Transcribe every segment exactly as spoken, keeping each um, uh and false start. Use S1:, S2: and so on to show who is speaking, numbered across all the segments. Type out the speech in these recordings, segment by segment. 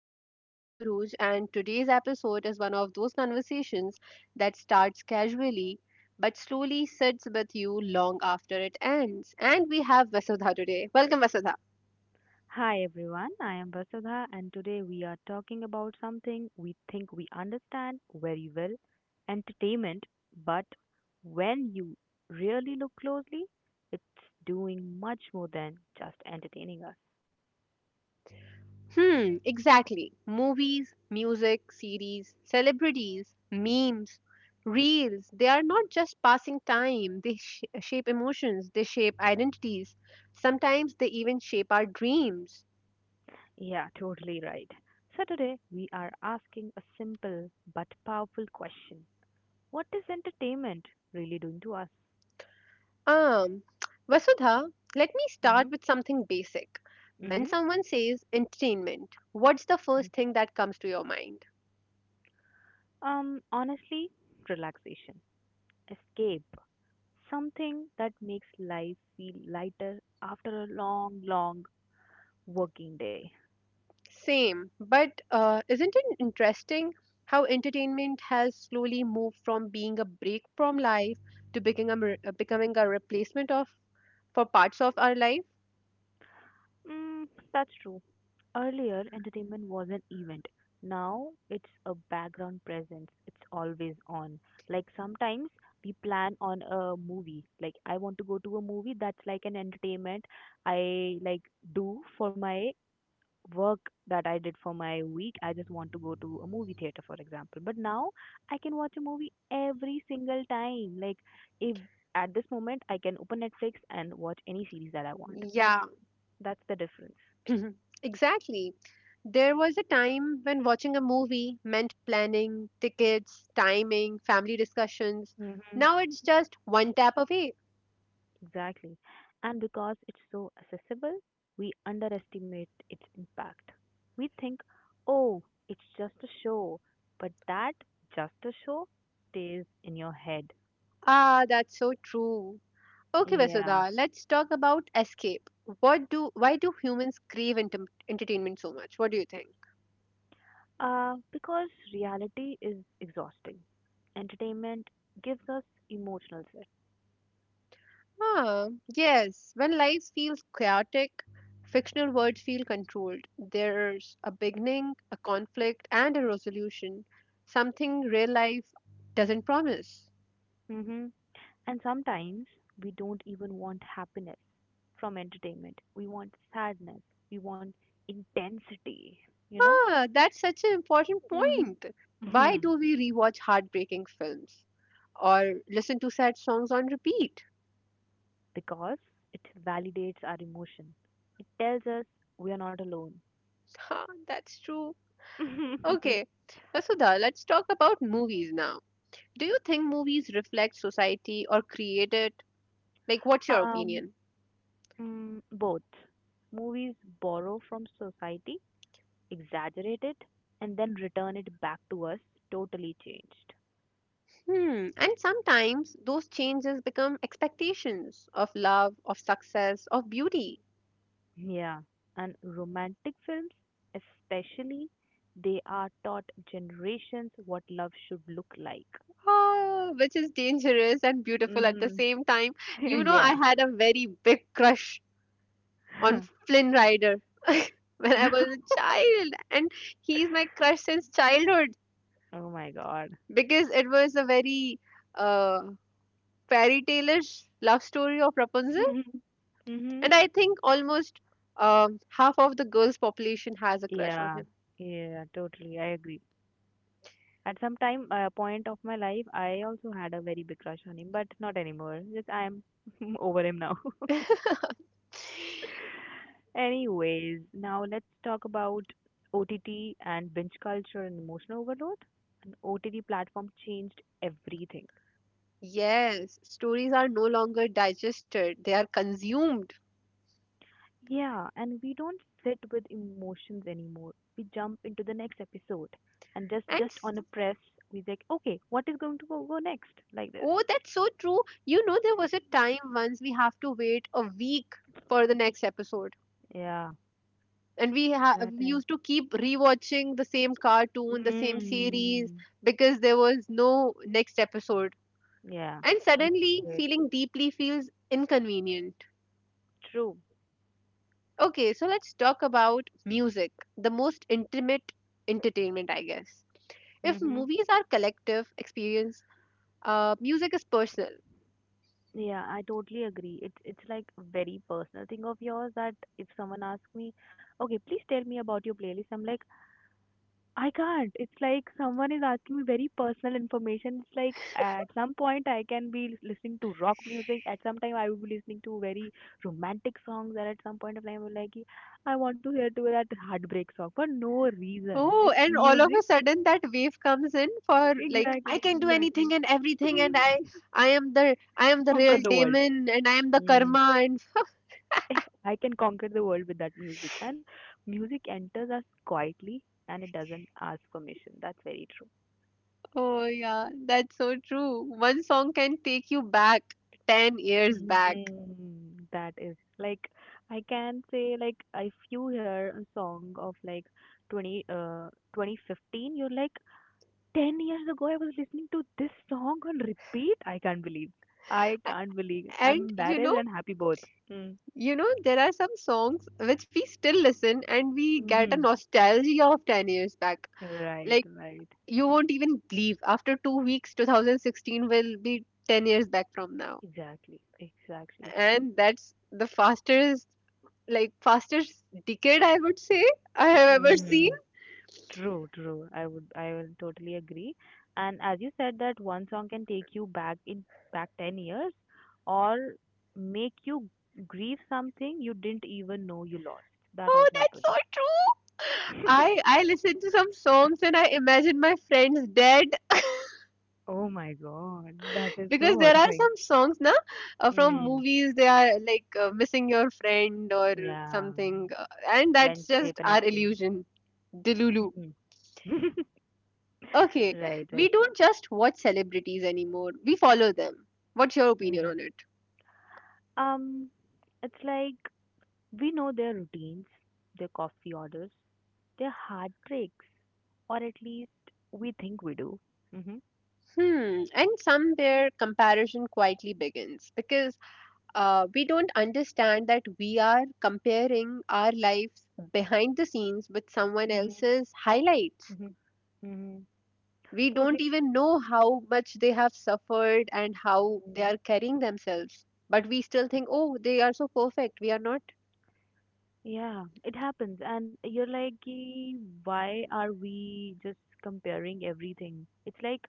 S1: I am your host Uruj and today's episode is one of those conversations that starts casually but slowly sits with you long after it ends. And we have Vasudha today. Welcome Vasudha.
S2: Hi everyone, I am Vasudha, and today we are talking about something we think we understand very well: entertainment. But when you really look closely, it's doing much more than just entertaining us.
S1: Hmm, exactly. Movies, music, series, celebrities, memes, reels, they are not just passing time. They sh- shape emotions, they shape identities. Sometimes they even shape our dreams.
S2: Yeah, totally right. So today we are asking a simple but powerful question: what is entertainment really doing to us?
S1: Um, Vasudha, let me
S2: Mm-hmm.
S1: start with something basic. When
S2: hmm
S1: someone says entertainment, what's the first thing that comes to your mind?
S2: Um, honestly, relaxation, escape, something that makes life feel lighter after a long, long working day.
S1: Same, but uh, isn't it interesting how entertainment has slowly moved from being a break from life to becoming a, re- uh, becoming a replacement of for parts of our life?
S2: Mm, that's true. Earlier, entertainment was an event. Now, it's a background presence. It's always on. Like sometimes we plan on a movie. Like I want to go to a movie that's like an entertainment I like do for my work that I did for my week, I just want to go to a movie theater, for example. But now I can watch a movie every single time. Like if at this moment I can open Netflix and watch any series that I want. That
S1: Yeah.
S2: that's the difference.
S1: Mhm. Exactly. There was a time when watching a movie meant planning, tickets, timing, family discussions.
S2: Mm-hmm.
S1: Now it's just one tap away.
S2: Exactly. And because it's so accessible, we underestimate its impact. We think, oh, it's just a show. But that just a show stays in your head.
S1: Ah, that's so true. Okay,
S2: Yeah.
S1: Vasudha, let's talk about escape. What do Why do humans crave enter entertainment so much? What do you think?
S2: Uh, because reality is exhausting. Entertainment gives us emotional set.
S1: Ah, yes. When life feels chaotic, fictional words feel controlled. There's a beginning, a conflict, and a resolution. Something real life doesn't promise.
S2: hmm And sometimes we don't even want happiness from entertainment. We want sadness. We want intensity, you know?
S1: Ah, that's such an important
S2: Hmm.
S1: point. Why
S2: Mhm.
S1: do we rewatch heartbreaking films or listen to sad songs on repeat?
S2: Because it validates our emotion. It tells us we are not alone.
S1: Ah, that's true. Okay, Vasudha, let's talk about movies now. Do you think movies reflect society or create it? Like, what's your
S2: Um,
S1: opinion?
S2: mm, Both. Movies borrow from society, exaggerate it, and then return it back to us totally changed.
S1: Hmm. And sometimes those changes become expectations of love, of success, of beauty,
S2: Yeah. And romantic films, especially, they are taught generations what love should look like.
S1: ah, which is dangerous and beautiful at the
S2: Mhm.
S1: same time. You know,
S2: Yeah.
S1: I had a very big crush on Flynn Rider when I was a child, and he's my crush since childhood
S2: Oh my god.
S1: because it was a very uh, fairy tale-ish love story of Rapunzel,
S2: Mhm. Mhm.
S1: and I think almost um, half of the girls' population has a crush on
S2: Yeah, yeah, totally. I agree. At some time, uh, point of my life, I also had a very big crush on him, but not anymore. Just I'm over him now.
S1: him.
S2: Anyways, now let's talk about O T T and binge culture and emotional overload. An O T T platform changed everything.
S1: Yes, stories are no longer digested, they are consumed.
S2: Yeah, and we don't sit with emotions anymore. We jump into the next episode and just
S1: And
S2: just
S1: s-
S2: on a press, we like, okay, what is going to go, go next? Like this.
S1: oh, that's so true. You know, there was a time once we have to wait a week for the next episode.
S2: Yeah,
S1: And we ha-
S2: that
S1: we
S2: time.
S1: used to keep rewatching the same cartoon, the same series
S2: Mm.
S1: because there was no next episode.
S2: Yeah.
S1: And suddenly
S2: Good.
S1: feeling deeply feels inconvenient.
S2: True.
S1: Okay, so let's talk about music, the most intimate entertainment, I guess. If
S2: Mm-hmm.
S1: movies are collective experience, uh, music is personal.
S2: Yeah, I totally agree. It's it's like a very personal thing of yours, that if someone asks me, "Okay, please tell me about your playlist," I'm like, "I can't." It's like someone is asking me very personal information. It's like uh, at some point I can be lis- listening to rock music, at some time I will be listening to very romantic songs, and at some point of time I'm like, "I want to hear to that heartbreak song for no reason."
S1: Oh,
S2: Like
S1: and all of
S2: music,
S1: a sudden that wave comes in for like I
S2: exactly,
S1: can do anything
S2: exactly.
S1: and everything, and I I am the I am the
S2: Conquer
S1: real
S2: the world.
S1: demon, and I am the
S2: Hmm.
S1: karma, and
S2: I can conquer the world with that music. And music enters us quietly, and it doesn't ask permission. That's very true.
S1: oh yeah, that's so true. One song can take you back ten years back,
S2: Mm, that is like, I can say, like if you hear a song of like twenty uh twenty fifteen, you're like, ten years ago I was listening to this song on repeat. I can't believe I can't believe I'm
S1: and you
S2: embarrassed
S1: know
S2: and happy both. Mm.
S1: you know there are some songs which we still listen and we get a
S2: Mm-hmm.
S1: nostalgia of ten years back.
S2: Right,
S1: Like
S2: right.
S1: you won't even believe after two weeks, twenty sixteen will be ten years back from now.
S2: Exactly, exactly.
S1: And that's the fastest, like fastest decade I would say I have ever seen.
S2: True, true. I would, I will totally agree. And as you said, that one song can take you back in back ten years, or make you grieve something you didn't even know you lost. That
S1: Oh,
S2: also
S1: that's
S2: happens.
S1: so true. I I listen to some songs and I imagine my friends dead
S2: Oh my God, that is
S1: because
S2: so
S1: there are
S2: horrifying.
S1: some songs na uh, from
S2: Mm,
S1: movies they are like uh, missing your friend or
S2: yeah.
S1: something uh, and that's
S2: Friendship
S1: just
S2: and
S1: our
S2: everything.
S1: illusion. Delulu.
S2: Hmm.
S1: Okay,
S2: Right,
S1: we
S2: right.
S1: don't just watch celebrities anymore. We follow them. What's your opinion
S2: hmm
S1: on it?
S2: Um, it's like we know their routines, their coffee orders, their heartbreaks, or at least we think we do. Mm-hmm.
S1: Hmm. And somewhere comparison quietly begins because uh, we don't understand that we are comparing our lives behind the scenes with someone
S2: Mm-hmm.
S1: else's highlights.
S2: Mm-hmm. Mm-hmm.
S1: We don't
S2: Totally.
S1: even know how much they have suffered and how they are carrying themselves. But we still think, oh, they are so perfect. We are not.
S2: Yeah, it happens. And you're like, "Ki, why are we just comparing everything? It's like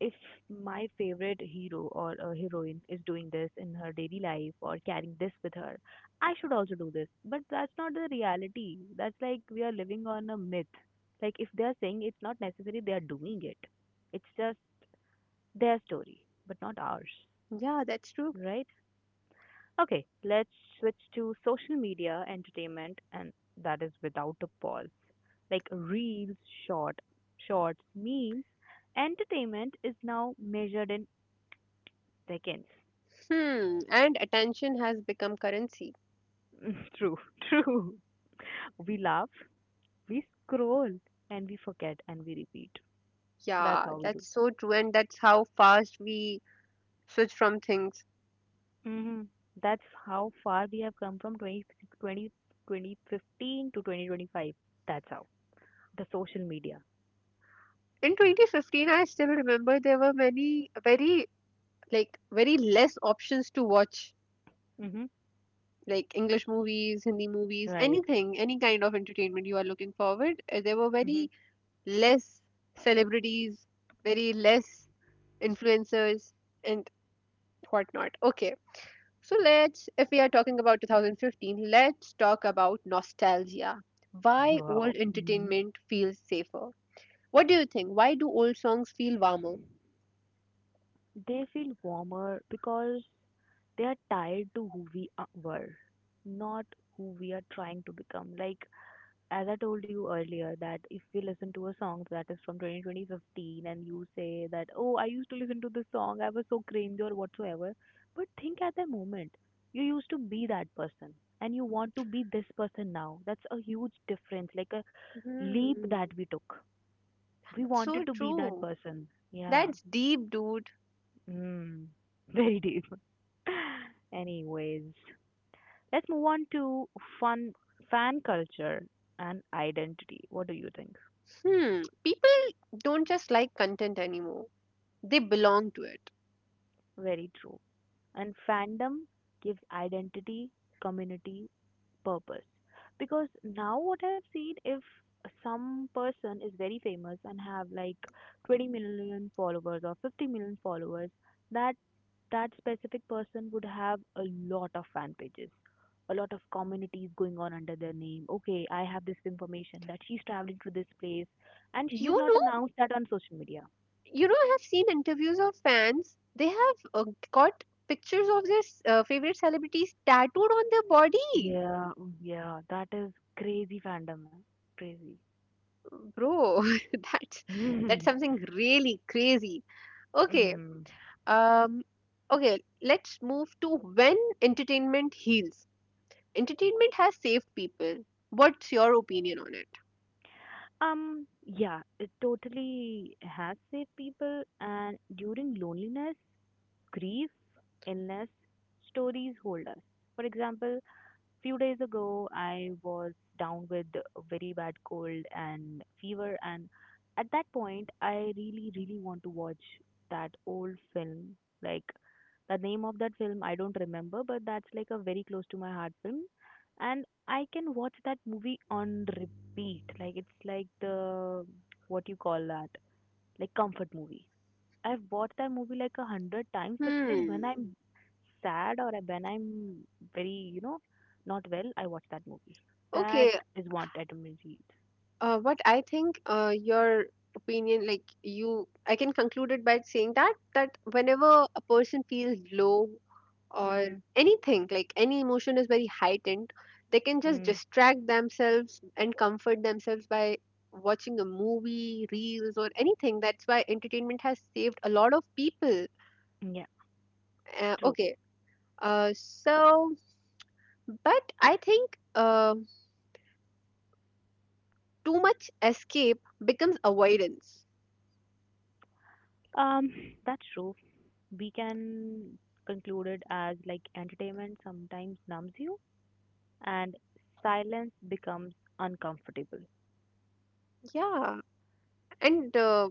S2: if my favorite hero or a heroine is doing this in her daily life or carrying this with her, I should also do this. But that's not the reality. That's like we are living on a myth. Like if they're saying, it's not necessary they are doing it. It's just their story, but not ours."
S1: Yeah, that's true.
S2: Right? Okay, let's switch to social media entertainment, and that is without a pause. Like reels, short, shorts, memes, entertainment is now measured in seconds.
S1: Hmm. And attention has become currency.
S2: True, true. We laugh, we scroll, and we forget, and we repeat. That's
S1: Yeah,
S2: how we do.
S1: that's so true. And that's how fast we switch from things.
S2: hmm That's how far we have come from twenty twenty twenty fifteen to twenty twenty-five. That's how. The social media.
S1: In twenty fifteen I still remember there were many very, like very less options to watch,
S2: Hmm.
S1: like english movies, hindi movies,
S2: Right.
S1: anything, any kind of entertainment you are looking forward, uh, there were very less celebrities, very less influencers, and whatnot. Okay, so let's, if we are talking about two thousand fifteen, let's talk about nostalgia, why old
S2: Wow. Mhm.
S1: entertainment feels safer. What do you think, why do old songs feel warmer?
S2: They feel warmer because they are tied to who we are- were, not who we are trying to become. Like, as I told you earlier, that if we listen to a song that is from twenty twenty, twenty fifteen, and you say that, oh, I used to listen to this song, I was so cringe or whatsoever. But think, at that moment, you used to be that person, and you want to be this person now. That's a huge difference, like a leap
S1: Hmm.
S2: that we took. We
S1: So
S2: wanted to be that
S1: true.
S2: person. Yeah.
S1: That's deep, dude.
S2: Mm, very deep. Anyways, let's move on to fun fan culture and identity. What do you think?
S1: Hmm. People don't just like content anymore. They belong to it.
S2: Very true. And fandom gives identity, community, purpose. Because now what I've seen, if some person is very famous and have like twenty million followers or fifty million followers, that that specific person would have a lot of fan pages, a lot of communities going on under their name. Okay, I have this information that she's traveling to this place, and she has
S1: You
S2: not
S1: know,
S2: announced that on social media.
S1: you know, I have seen interviews of fans. They have uh, got pictures of their s- uh, favorite celebrities tattooed on their body.
S2: Yeah. Yeah, that is crazy fandom, man. Crazy.
S1: Bro, that's that's
S2: Mm.
S1: something really crazy. Okay.
S2: Mm.
S1: Um, okay, let's move to when entertainment heals. Entertainment has saved people. What's your opinion on it?
S2: Um, yeah, it totally has saved people, and during loneliness, grief, illness, stories hold us. For example, few days ago, I was down with a very bad cold and fever, and at that point, I really, really want to watch that old film. Like, the name of that film, I don't remember, but that's like a very close to my heart film. And I can watch that movie on repeat. Like, it's like the, what you call that, like comfort movie. I've watched that movie like a hundred times, but still, when
S1: Hmm.
S2: I'm sad or when I'm very, you know, not well, I watch that movie. That
S1: Okay,
S2: is what I read.
S1: uh, what I think, uh, your opinion, like you, I can conclude it by saying that that whenever a person feels low or
S2: Mm.
S1: anything, like any emotion is very heightened, they can just
S2: Mm.
S1: distract themselves and comfort themselves by watching a movie, reels, or anything. That's why entertainment has saved a lot of people.
S2: Yeah,
S1: Uh,
S2: true.
S1: okay, uh, so but I think uh, too much escape becomes avoidance.
S2: Um, that's true. We can conclude it as, like, entertainment sometimes numbs you, and silence becomes uncomfortable.
S1: Yeah. And uh,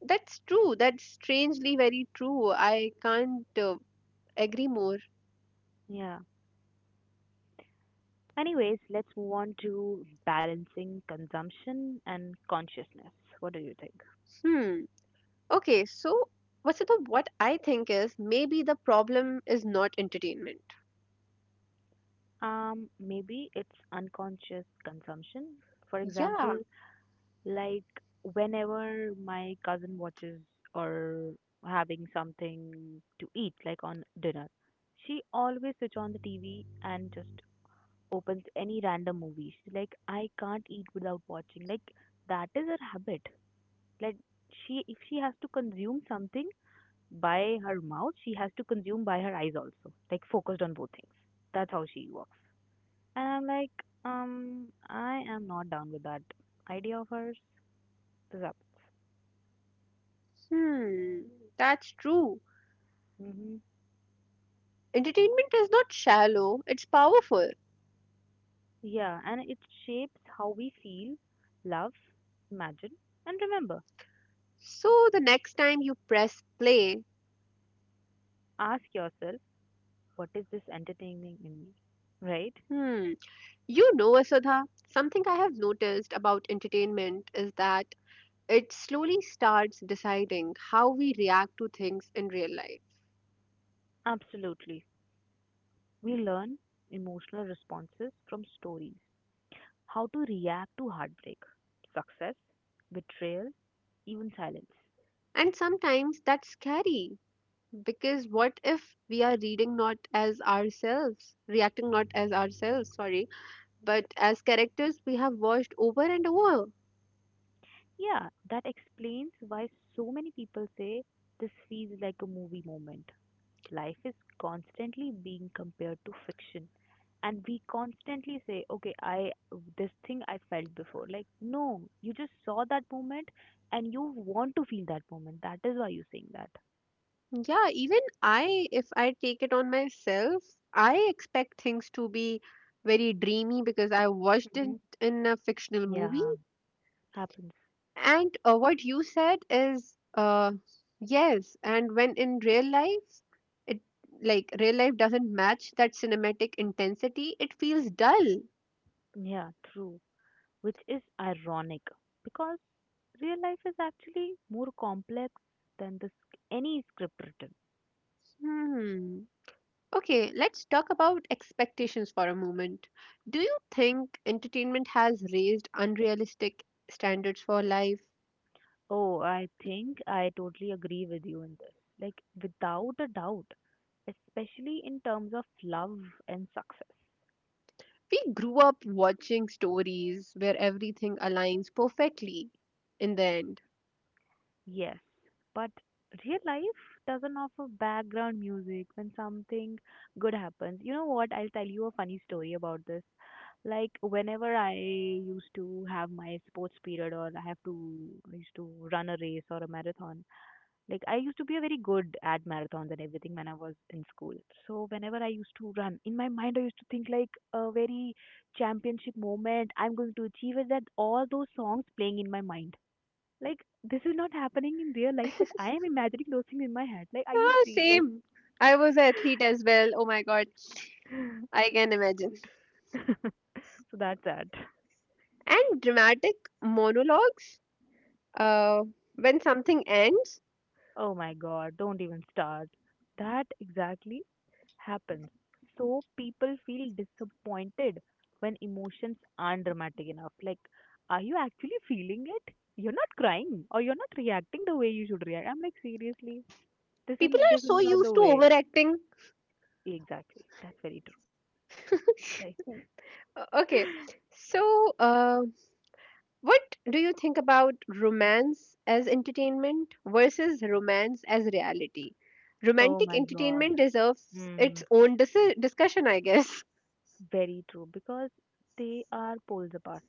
S1: that's true, that's strangely very true. I can't uh, agree more.
S2: Yeah. Anyways, let's move on to balancing consumption and consciousness. What do you think?
S1: Hmm. Okay, so Vasudha, what I think is maybe the problem is not entertainment.
S2: Um, maybe it's unconscious consumption. For
S1: Yeah,
S2: example, like whenever my cousin watches or having something to eat, like on dinner, she always switch on the T V and just opens any random movie. She's like, I can't eat without watching. Like, that is her habit. Like, she, if she has to consume something by her mouth, she has to consume by her eyes also. Like, focused on both things. That's how she works. And I'm like, um, I am not down with that idea of hers. Rub.
S1: hmm, that's true.
S2: Mm-hmm.
S1: Entertainment is not shallow, it's powerful.
S2: Yeah, and it shapes how we feel, love, imagine, and remember.
S1: So the next time you press play,
S2: Ask yourself, what is this entertaining in me? Right?
S1: hmm, you know, Vasudha, something I have noticed about entertainment is that it slowly starts deciding how we react to things in real life.
S2: Absolutely. We learn emotional responses from stories, how to react to heartbreak, success, betrayal, even silence.
S1: And sometimes that's scary because what if we are reading not as ourselves, reacting not as ourselves, sorry, but as characters we have watched over and over?
S2: Yeah, that explains why so many people say this feels like a movie moment. Life is constantly being compared to fiction, and we constantly say, okay, I this thing I felt before, like, no, you just saw that moment and you want to feel that moment, that is why you're saying that.
S1: Yeah, even I, if I take it on myself, I expect things to be very dreamy because I watched it
S2: Hmm.
S1: in a fictional movie.
S2: Yeah, happens.
S1: And uh, what you said is uh, yes, and when in real life, it like real life doesn't match that cinematic intensity, it feels dull.
S2: Yeah, true. Which is ironic, because real life is actually more complex than this any script written.
S1: Hmm. Okay, let's talk about expectations for a moment. Do you think entertainment has raised unrealistic standards for life?
S2: Oh, I think I totally agree with you in this. Like, without a doubt, especially in terms of love and success.
S1: We grew up watching stories where everything aligns perfectly in the end.
S2: Yes, but real life doesn't offer background music when something good happens. You know what? I'll tell you a funny story about this. Like, whenever I used to have my sports period, or I have to, I used to run a race or a marathon. Like, I used to be a very good at marathons and everything when I was in school. So whenever I used to run, in my mind I used to think, like, a very championship moment. I'm going to achieve it. That all those songs playing in my mind. Like, this is not happening in real life, but I am imagining those things in my head. Like, are you
S1: Yeah,
S2: serious?
S1: same. I was an athlete as well. Oh my god, I can imagine.
S2: So that's that.
S1: And dramatic monologues. Uh, when something ends,
S2: Oh my god, don't even start. That exactly happens. So people feel disappointed when emotions aren't dramatic enough. Like, are you actually feeling it? You're not crying, or you're not reacting the way you should react. I'm like, seriously, this is
S1: people are
S2: this is
S1: so
S2: not the
S1: used to
S2: way.
S1: overacting.
S2: Exactly. That's very true. Like,
S1: Uh, Okay, so uh, what do you think about romance as entertainment versus romance as reality?
S2: oh
S1: Romantic
S2: my god.
S1: entertainment deserves
S2: Mm,
S1: its own dis- discussion, I guess.
S2: very true. Because they are poles apart.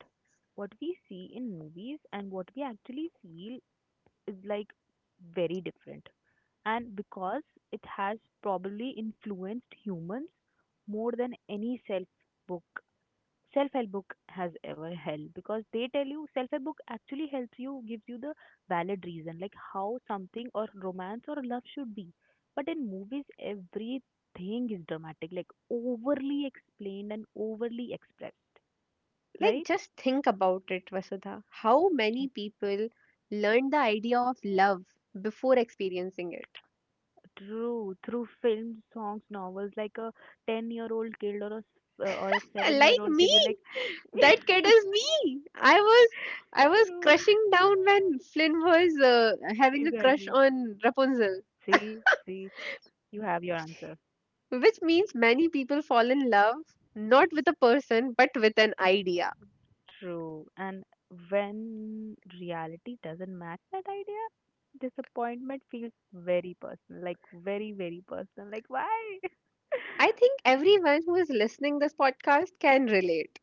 S2: What we see in movies and what we actually feel is like very different, and because it has probably influenced humans more than any self book self-help book has ever held. Because they tell you self-help book actually helps you, gives you the valid reason like how something or romance or love should be, but in movies everything is dramatic, like overly explained and overly expressed,
S1: Like,
S2: right?
S1: just think about it, Vasudha. How many people learn the idea of love before experiencing it?
S2: True, through films, songs, novels, like a ten-year-old kid or a s- uh, or a
S1: Like
S2: seven-year-old
S1: me,
S2: kid will like.
S1: that kid is me. I was, I was
S2: True.
S1: crushing down when Flynn was uh, having a crush
S2: Exactly.
S1: on Rapunzel,
S2: See, see, you have your answer.
S1: which means many people fall in love not with a person but with an idea.
S2: True. And when reality doesn't match that idea, disappointment feels very personal, like very, very personal. Like why?
S1: I think everyone who is listening this podcast can relate.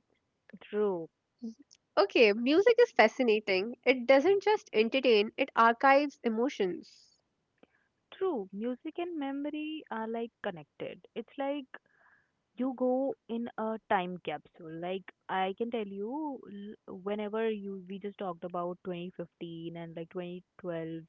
S2: True,
S1: Okay, music is fascinating. It doesn't just entertain, it archives emotions.
S2: true. Music and memory are like connected. It's like you go in a time capsule. Like I can tell you l- whenever you we just talked about twenty fifteen and like twenty twelve,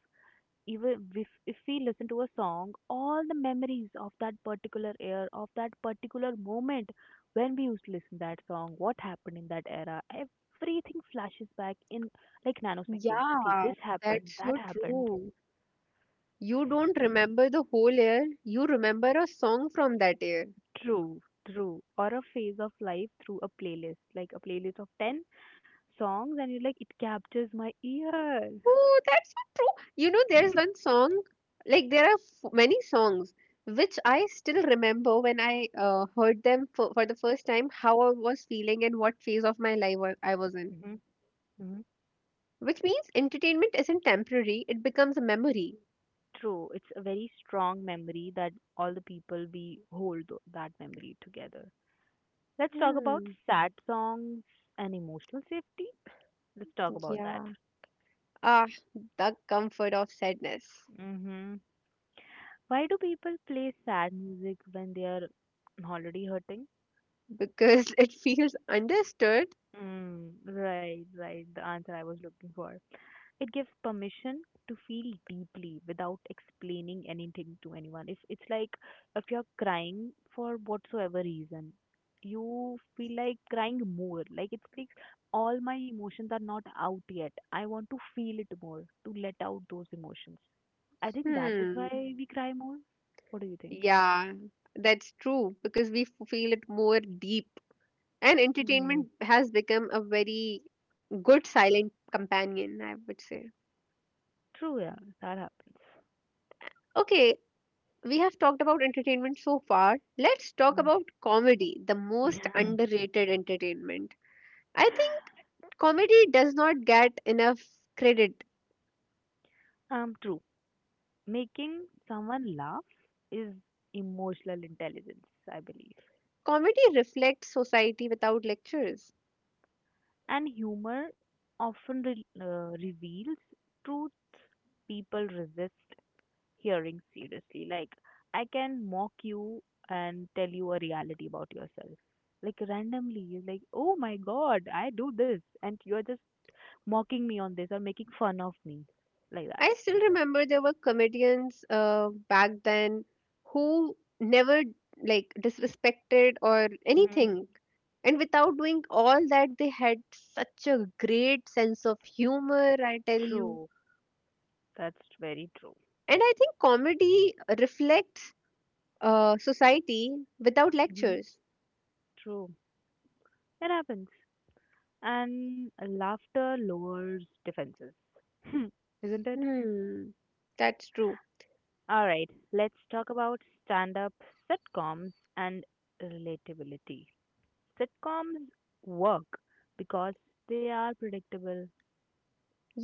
S2: even if, if we listen to a song, all the memories of that particular year, of that particular moment when we used to listen that song, what happened in that era, everything flashes back in like nanoseconds. Okay,
S1: Yeah,
S2: this happened,
S1: that's
S2: that
S1: so
S2: happened.
S1: true. You don't remember the whole year, you remember a song from that year.
S2: True, true. Or a phase of life through a playlist, like a playlist of ten songs, and you're like it captures my ear.
S1: Oh, that's so true. You know, there's one song, like there are f many songs which I still remember when I uh, heard them for, for the first time, how I was feeling and what phase of my life wa- I was in.
S2: Mm-hmm. Mm-hmm.
S1: Which means entertainment isn't temporary, it becomes a memory.
S2: True, it's a very strong memory that all the people we hold tho- that memory together. Let's talk about
S1: Hmm,
S2: sad songs and emotional safety. Let's talk about that.
S1: yeah. Ah, the comfort of sadness
S2: Mm-hmm. Why do people play sad music when they are already hurting?
S1: because it feels understood.
S2: mm, right, right, the answer I was looking for. It gives permission to feel deeply without explaining anything to anyone. If it's like if you're crying for whatsoever reason, you feel like crying more. Like it's like all my emotions are not out yet. I want to feel it more to let out those emotions. I think that is
S1: Hmm.
S2: why we cry more. What do you think?
S1: Yeah, that's true because we f- feel it more deep. And
S2: Hmm.
S1: entertainment has become a very good silent companion, I would say.
S2: True, yeah, that happens.
S1: Okay, we have talked about entertainment so far. Let's talk about comedy, the most
S2: Mm.
S1: underrated entertainment. I think comedy does not get enough credit.
S2: Um, true. Making someone laugh is emotional intelligence, I believe.
S1: Comedy reflects society without lectures.
S2: And humor often re- uh, reveals truths people resist hearing seriously. Like, I can mock you and tell you a reality about yourself. Like, randomly, you're like, oh my god, I do this. And you're just mocking me on this or making fun of me. Like that.
S1: I still remember there were comedians uh, back then who never like disrespected or
S2: Hmm.
S1: anything. And without doing all that, they had such a great sense of humor, I tell you.
S2: True. That's very true.
S1: And I think comedy reflects uh, society without
S2: Hmm.
S1: lectures.
S2: True. It happens. And laughter lowers defenses. Hmm, isn't it?
S1: Hmm, that's true.
S2: All right, let's talk about stand up, sitcoms, and relatability. Sitcoms work because they are predictable.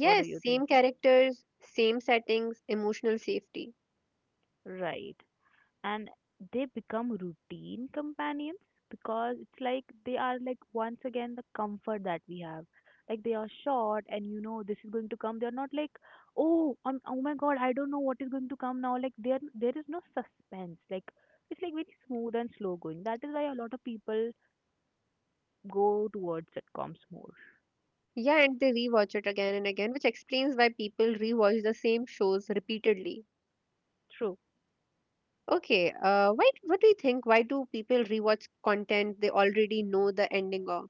S2: What do you think?
S1: same characters, same settings, emotional safety.
S2: Right. And they become routine companions, because it's like they are like once again the comfort that we have. Like they are short and you know this is going to come, they're not like oh um, oh my god I don't know what is going to come now. Like there there is no suspense. Like it's like very smooth and slow going, that is why a lot of people go towards sitcoms more.
S1: Yeah, and they rewatch it again and again, which explains why people rewatch the same shows repeatedly.
S2: True.
S1: Okay, uh, why? What do you think? Why do people rewatch content they already know the ending of?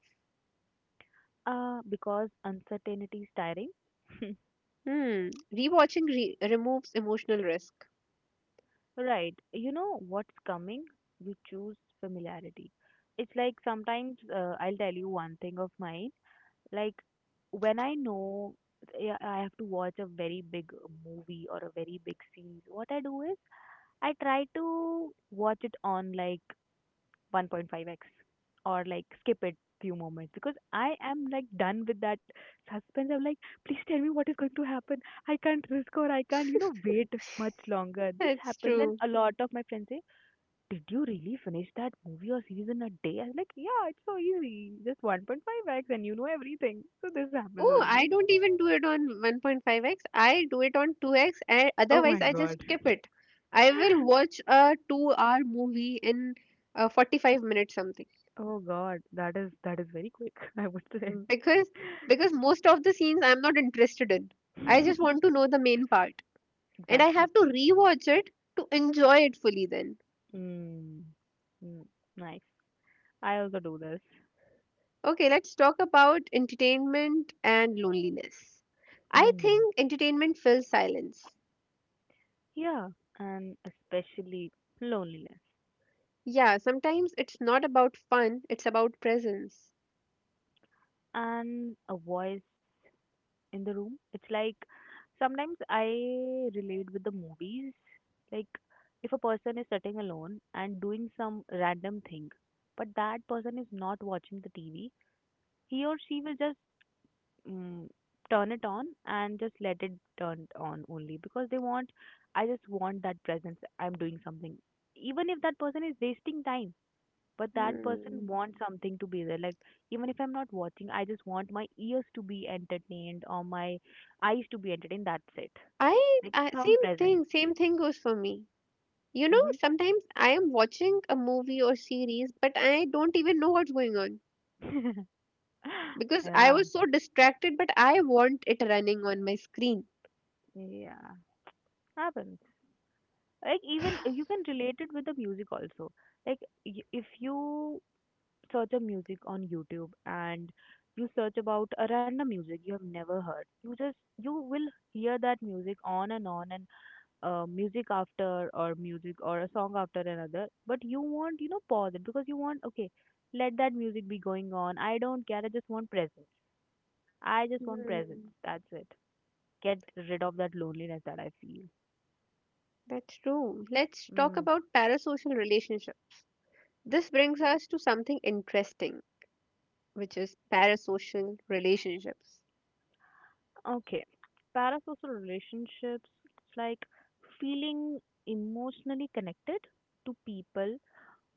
S2: uh Because uncertainty is tiring.
S1: Hmm, rewatching re- removes emotional risk.
S2: Right. You know what's coming? You choose familiarity. It's like sometimes uh, I'll tell you one thing of mine. Like when I know I I have to watch a very big movie or a very big series, what I do is I try to watch it on like one point five x or like skip it few moments because I am like done with that suspense. I'm like, please tell me what is going to happen. I can't risk or I can't, you know, wait much longer. This
S1: That's
S2: happens, and
S1: true.
S2: a lot of my friends say, did you really finish that movie or series in a day? I was like, yeah, it's so easy. Just one point five x and you know everything. So this happens with
S1: Oh, I
S2: me.
S1: don't even do it on one point five x. I do it on two x, and
S2: Oh my
S1: otherwise I just
S2: god.
S1: skip it. I will watch a two-hour movie in uh, forty-five minutes something.
S2: Oh god, that is that is very quick, I would say.
S1: because because most of the scenes I'm not interested in, I just want to know the main part and I
S2: Exactly.
S1: have to rewatch it to enjoy it fully then.
S2: Mm. Mm. Nice. I also do this.
S1: Okay, let's talk about entertainment and loneliness. I
S2: Hmm.
S1: think entertainment fills silence.
S2: Yeah, and especially loneliness
S1: Yeah, sometimes it's not about fun, it's about presence.
S2: and a voice in the room. It's like sometimes I relate with the movies. Like if a person is sitting alone and doing some random thing, but that person is not watching the T V, he or she will just mm turn it on and just let it turn on, only because they want. I just want that presence. I'm doing something, even if that person is wasting time, but that person
S1: Hmm.
S2: wants something to be there. Like even if I'm not watching, I just want my ears to be entertained or my eyes to be entertained, that's it.
S1: I,
S2: Like
S1: I
S2: some
S1: same
S2: presence.
S1: thing, same thing goes for me. You know,
S2: Hmm.
S1: sometimes I am watching a movie or series but I don't even know what's going on because I
S2: Yeah,
S1: was so distracted, but I want it running on my screen.
S2: yeah, happens. Like even you can relate it with the music also. Like y- if you search a music on YouTube, and you search about a random music you have never heard, you just, you will hear that music on and on, and uh, music after or music or a song after another, but you want, you know, pause it because you want okay, let that music be going on, I don't care, I just want presence. I just want presence,
S1: Hmm,
S2: that's it. Get rid of that loneliness that I feel.
S1: that's true. Let's talk
S2: Mm.
S1: about parasocial relationships. This brings us to something interesting, which is parasocial relationships.
S2: Okay, parasocial relationships, it's like feeling emotionally connected to people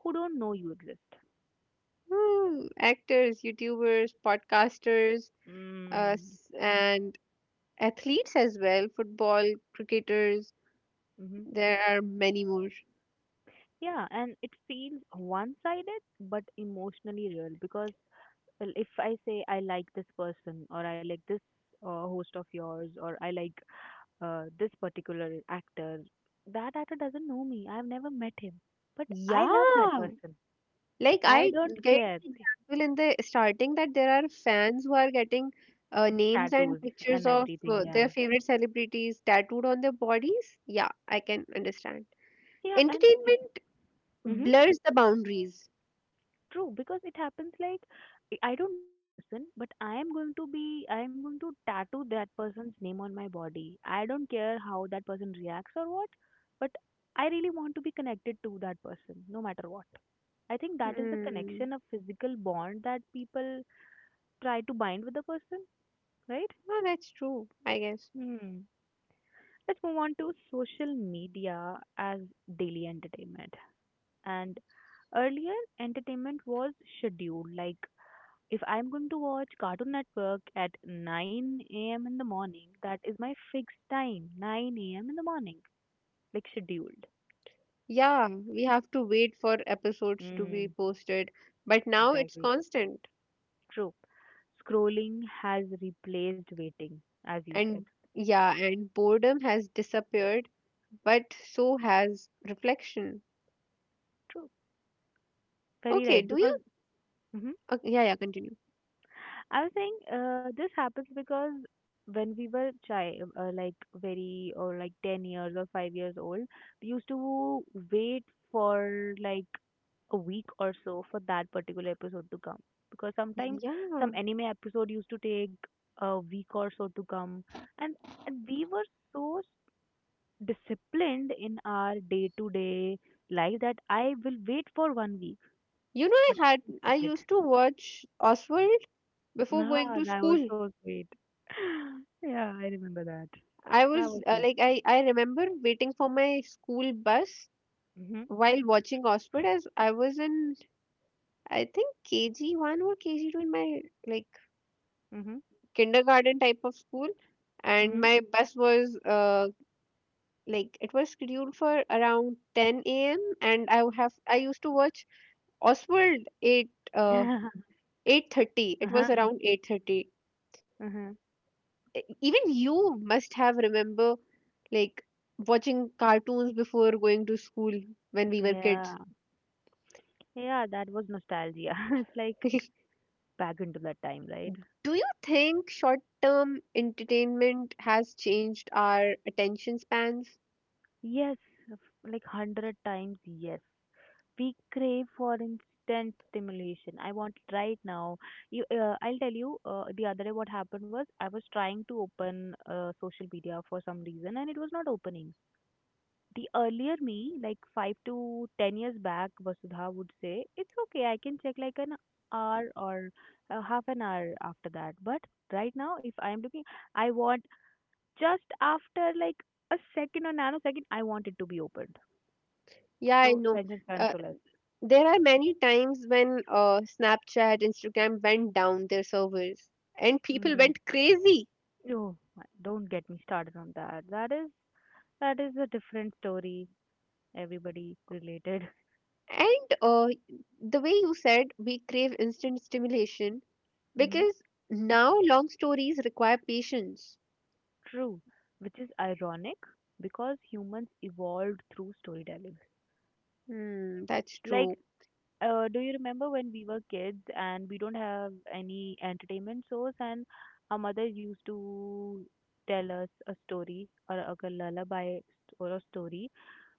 S2: who don't know you exist.
S1: Hmm, actors, YouTubers, podcasters, uh,
S2: Mm.
S1: s- and athletes as well, football, cricketers,
S2: Mm-hmm.
S1: there are many more.
S2: Yeah, and it feels one sided but emotionally real. Because well, if I say I like this person, or I like this uh, host of yours, or I like uh, this particular actor, that actor doesn't know me. I've never met him. But I
S1: Yeah,
S2: love that person.
S1: Like
S2: I
S1: I
S2: don't
S1: gave
S2: care.
S1: an example in the starting that there are fans who are getting uh, names
S2: Tattoos
S1: and
S2: and
S1: pictures of
S2: everything,
S1: uh,
S2: yeah.
S1: their favorite celebrities tattooed on their bodies. Yeah, I can understand.
S2: Yeah, and.
S1: Entertainment
S2: Mm-hmm.
S1: blurs the boundaries.
S2: True, because it happens like I I don't know the person, but I am going to be, I am going to tattoo that person's name on my body. I don't care how that person reacts or what, but I really want to be connected to that person no matter what. I think that is the
S1: Hmm.
S2: connection of physical bond that people try to bind with the person, right?
S1: No, that's true, I guess.
S2: Hmm. Let's move on to social media as daily entertainment. And earlier, entertainment was scheduled. Like if I'm going to watch Cartoon Network at nine a m in the morning, that is my fixed time, nine a m in the morning, like scheduled.
S1: Yeah, we have to wait for episodes to be
S2: Mm,
S1: posted, but now it's
S2: exactly.
S1: constant.
S2: True. Scrolling has replaced waiting, as you said.
S1: And yeah, and boredom has disappeared, but so has reflection.
S2: True. Very
S1: Okay,
S2: right.
S1: do
S2: Because
S1: you?
S2: mm-hmm.
S1: Okay, yeah, yeah, continue.
S2: I was saying uh, this happens because when we were child, uh, like very or like ten years or five years old, we used to wait for like a week or so for that particular episode to come, because sometimes some
S1: Yeah.
S2: anime episode used to take a week or so to come. And and we were so disciplined in our day to day life that I will wait for one week,
S1: You know, I,
S2: but I
S1: had,
S2: will
S1: I
S2: skip it.
S1: used to watch Oswald before going
S2: Ah,
S1: to
S2: that was
S1: school.
S2: so sweet. Yeah, I remember that.
S1: I
S2: That
S1: was
S2: was
S1: uh,
S2: sweet.
S1: like, I, I remember waiting for my school bus
S2: Mhm.
S1: while watching Oswald as I was in, I think, K G one or K G two in my like
S2: Mhm.
S1: kindergarten type of school. And
S2: Mhm.
S1: my bus was uh, like, it was scheduled for around ten a m. And I would have, I used to watch Oswald at uh, eight thirty. It was
S2: Uh-huh.
S1: around eight thirty.
S2: Uh-huh.
S1: Even you must have remember like watching cartoons before going to school when we were kids.
S2: Yeah. Yeah, that was nostalgia. It's like back into that time, right?
S1: Do you think short term entertainment has changed our attention spans?
S2: Yes, f- like hundred times yes. We crave for instant stimulation. I want it right now. You, uh, I'll tell you. Uh, the other day, what happened was I was trying to open uh, social media for some reason, and it was not opening. The earlier me, like five to ten years back, Vasudha would say, it's okay, I can check like an hour or uh, half an hour after that. But right now, if I'm looking, I want, just after like a second or nanosecond, I want it to be opened.
S1: Yeah, I
S2: So,
S1: know.
S2: Ranjan
S1: uh,
S2: Consolas.
S1: there are many times when uh, snapchat instagram went down their servers and people
S2: Mm.
S1: went crazy.
S2: Oh, my— don't get me started on that. That is that is a different story. Everybody related.
S1: And uh, the way you said we crave instant stimulation,
S2: Hmm.
S1: because now long stories require patience.
S2: True, which is ironic because humans evolved through storytelling.
S1: Hmm, that's
S2: Like,
S1: true.
S2: uh, do you remember when we were kids and we don't have any entertainment source, and our mother used to tell us a story or a a lullaby st- or a story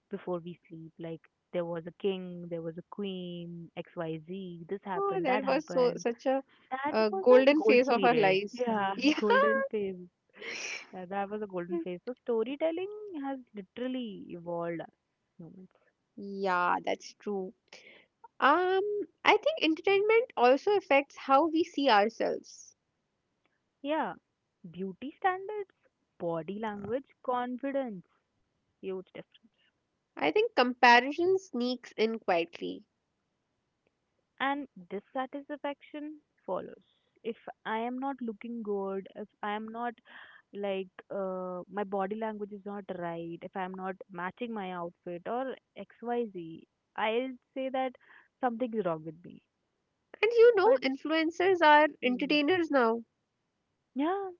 S2: before we sleep. Like, there was a king, there was a queen, X Y Z, this
S1: Oh,
S2: happened, that
S1: that was so
S2: happened.
S1: such a,
S2: That
S1: a
S2: was a
S1: golden
S2: golden
S1: phase of our
S2: period.
S1: lives.
S2: Yeah,
S1: Yeah,
S2: golden phase. Uh, That was a golden phase. So storytelling has literally evolved us.
S1: yeah, that's true. Um, I think entertainment also affects how we see ourselves.
S2: Yeah, beauty standards, body language, confidence, huge difference.
S1: I think comparison sneaks in quietly.
S2: And dissatisfaction follows. If I am not looking good, if I am not like uh, my body language is not right, if I am not matching my outfit or X, Y, will say that something is wrong with me.
S1: And you know,
S2: But
S1: influencers are
S2: mm,
S1: entertainers now.
S2: yeah,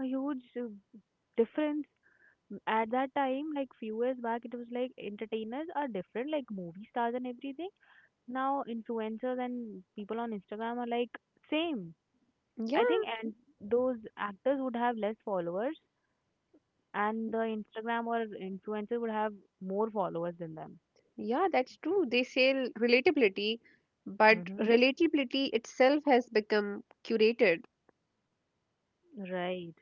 S2: a huge uh, difference. At that time, like few years back, it was like entertainers are different, like movie stars and everything. Now influencers and people on Instagram are like same, I think.
S1: Yeah,
S2: And those actors would have less followers, and the Instagram or influencer would have more followers than them.
S1: yeah, that's true. They sell relatability, but
S2: Mm-hmm.
S1: relatability itself has become curated.
S2: Right,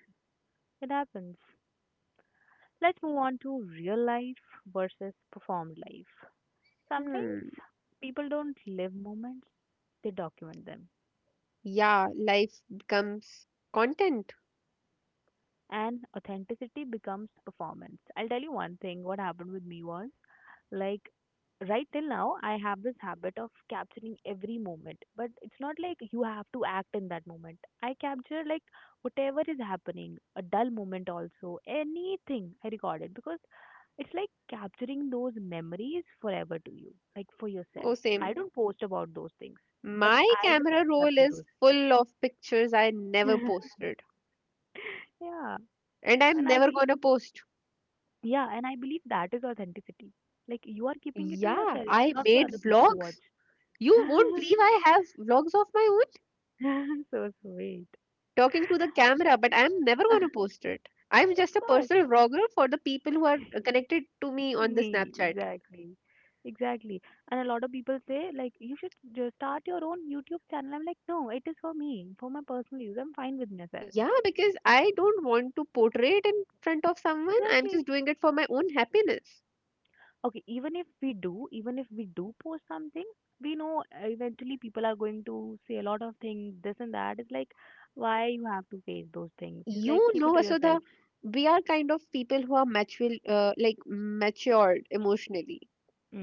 S2: it happens. Let's move on to real life versus performed life. Sometimes
S1: Hmm.
S2: people don't live moments, they document them.
S1: Yeah, life becomes content.
S2: And authenticity becomes performance. I'll tell you one thing what happened with me was like right till now I have this habit of capturing every moment, but it's not like you have to act in that moment. I capture like whatever is happening, a dull moment also, anything I record it because it's like capturing those memories forever to you, like for
S1: Oh,
S2: yourself. I
S1: same.
S2: don't post about those things, but
S1: My
S2: I
S1: camera
S2: will
S1: roll is
S2: capture
S1: full of pictures I never
S2: those.
S1: posted,
S2: yeah,
S1: and I'm
S2: and I
S1: never
S2: believe
S1: gonna post.
S2: Yeah, and I believe that is authenticity. Like you are keeping it to
S1: Yeah,
S2: yourself,
S1: I
S2: not for
S1: made
S2: other people to watch.
S1: vlogs. You won't believe I have vlogs of my own
S2: So sweet.
S1: talking to the camera, but I'm never
S2: Of
S1: gonna post it. I'm just a
S2: course,
S1: personal vlogger for the people who are connected to me on the
S2: me,
S1: Snapchat.
S2: exactly. Exactly. And a lot of people say, like, you should just start your own YouTube channel. I'm like, no, it is for me, for my personal use. I'm fine with myself.
S1: Yeah, because I don't want to portray it in front of someone. I'm
S2: Exactly.
S1: just doing it for my own happiness.
S2: Okay, even if we do, even if we do post something, we know uh, eventually people are going to say a lot of things, this and that. It's like, why you have to face those things? It's like,
S1: You
S2: keep it
S1: know
S2: to yourself.
S1: Vasudha, we are kind of people who are mature uh, like matured emotionally,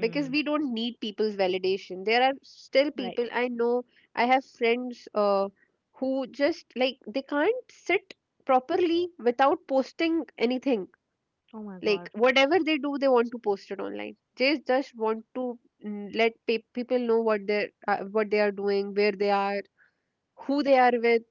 S1: because we don't need people's validation. There are still people
S2: right.
S1: I know. I have friends uh, who just like they can't sit properly without posting anything.
S2: Oh my
S1: Like
S2: God,
S1: whatever they do they want to post it online. They just want to mm, let pe- people know what they are uh, what they are doing, where they are, who they are with,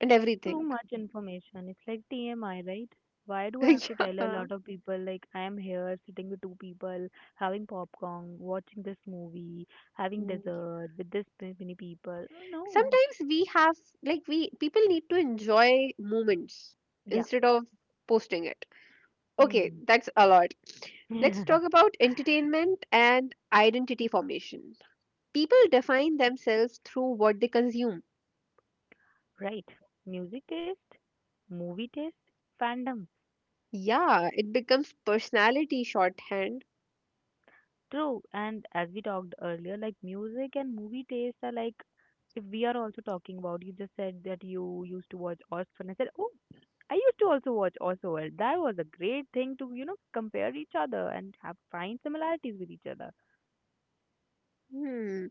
S1: and
S2: too
S1: everything.
S2: much information. It's like T M I, right? Why do I have to tell a
S1: Yeah,
S2: lot of people like I am here sitting with two people, having popcorn, watching this movie, having dessert with this many people? No.
S1: sometimes we have like we people need to enjoy moments
S2: Yeah.
S1: instead of posting it. Okay,
S2: Mm.
S1: that's a lot. Let's talk about entertainment and identity formation. People define themselves through what they consume.
S2: Right. Music taste, movie taste, fandoms.
S1: Yeah, it becomes personality shorthand.
S2: True. And as we talked earlier, like music and movie taste are like, if we are also talking about, you just said that you used to watch Orphan. I said, oh, I used to also watch Orphan. That was a great thing to, you know, compare each other and have find similarities with each other.
S1: Hmm,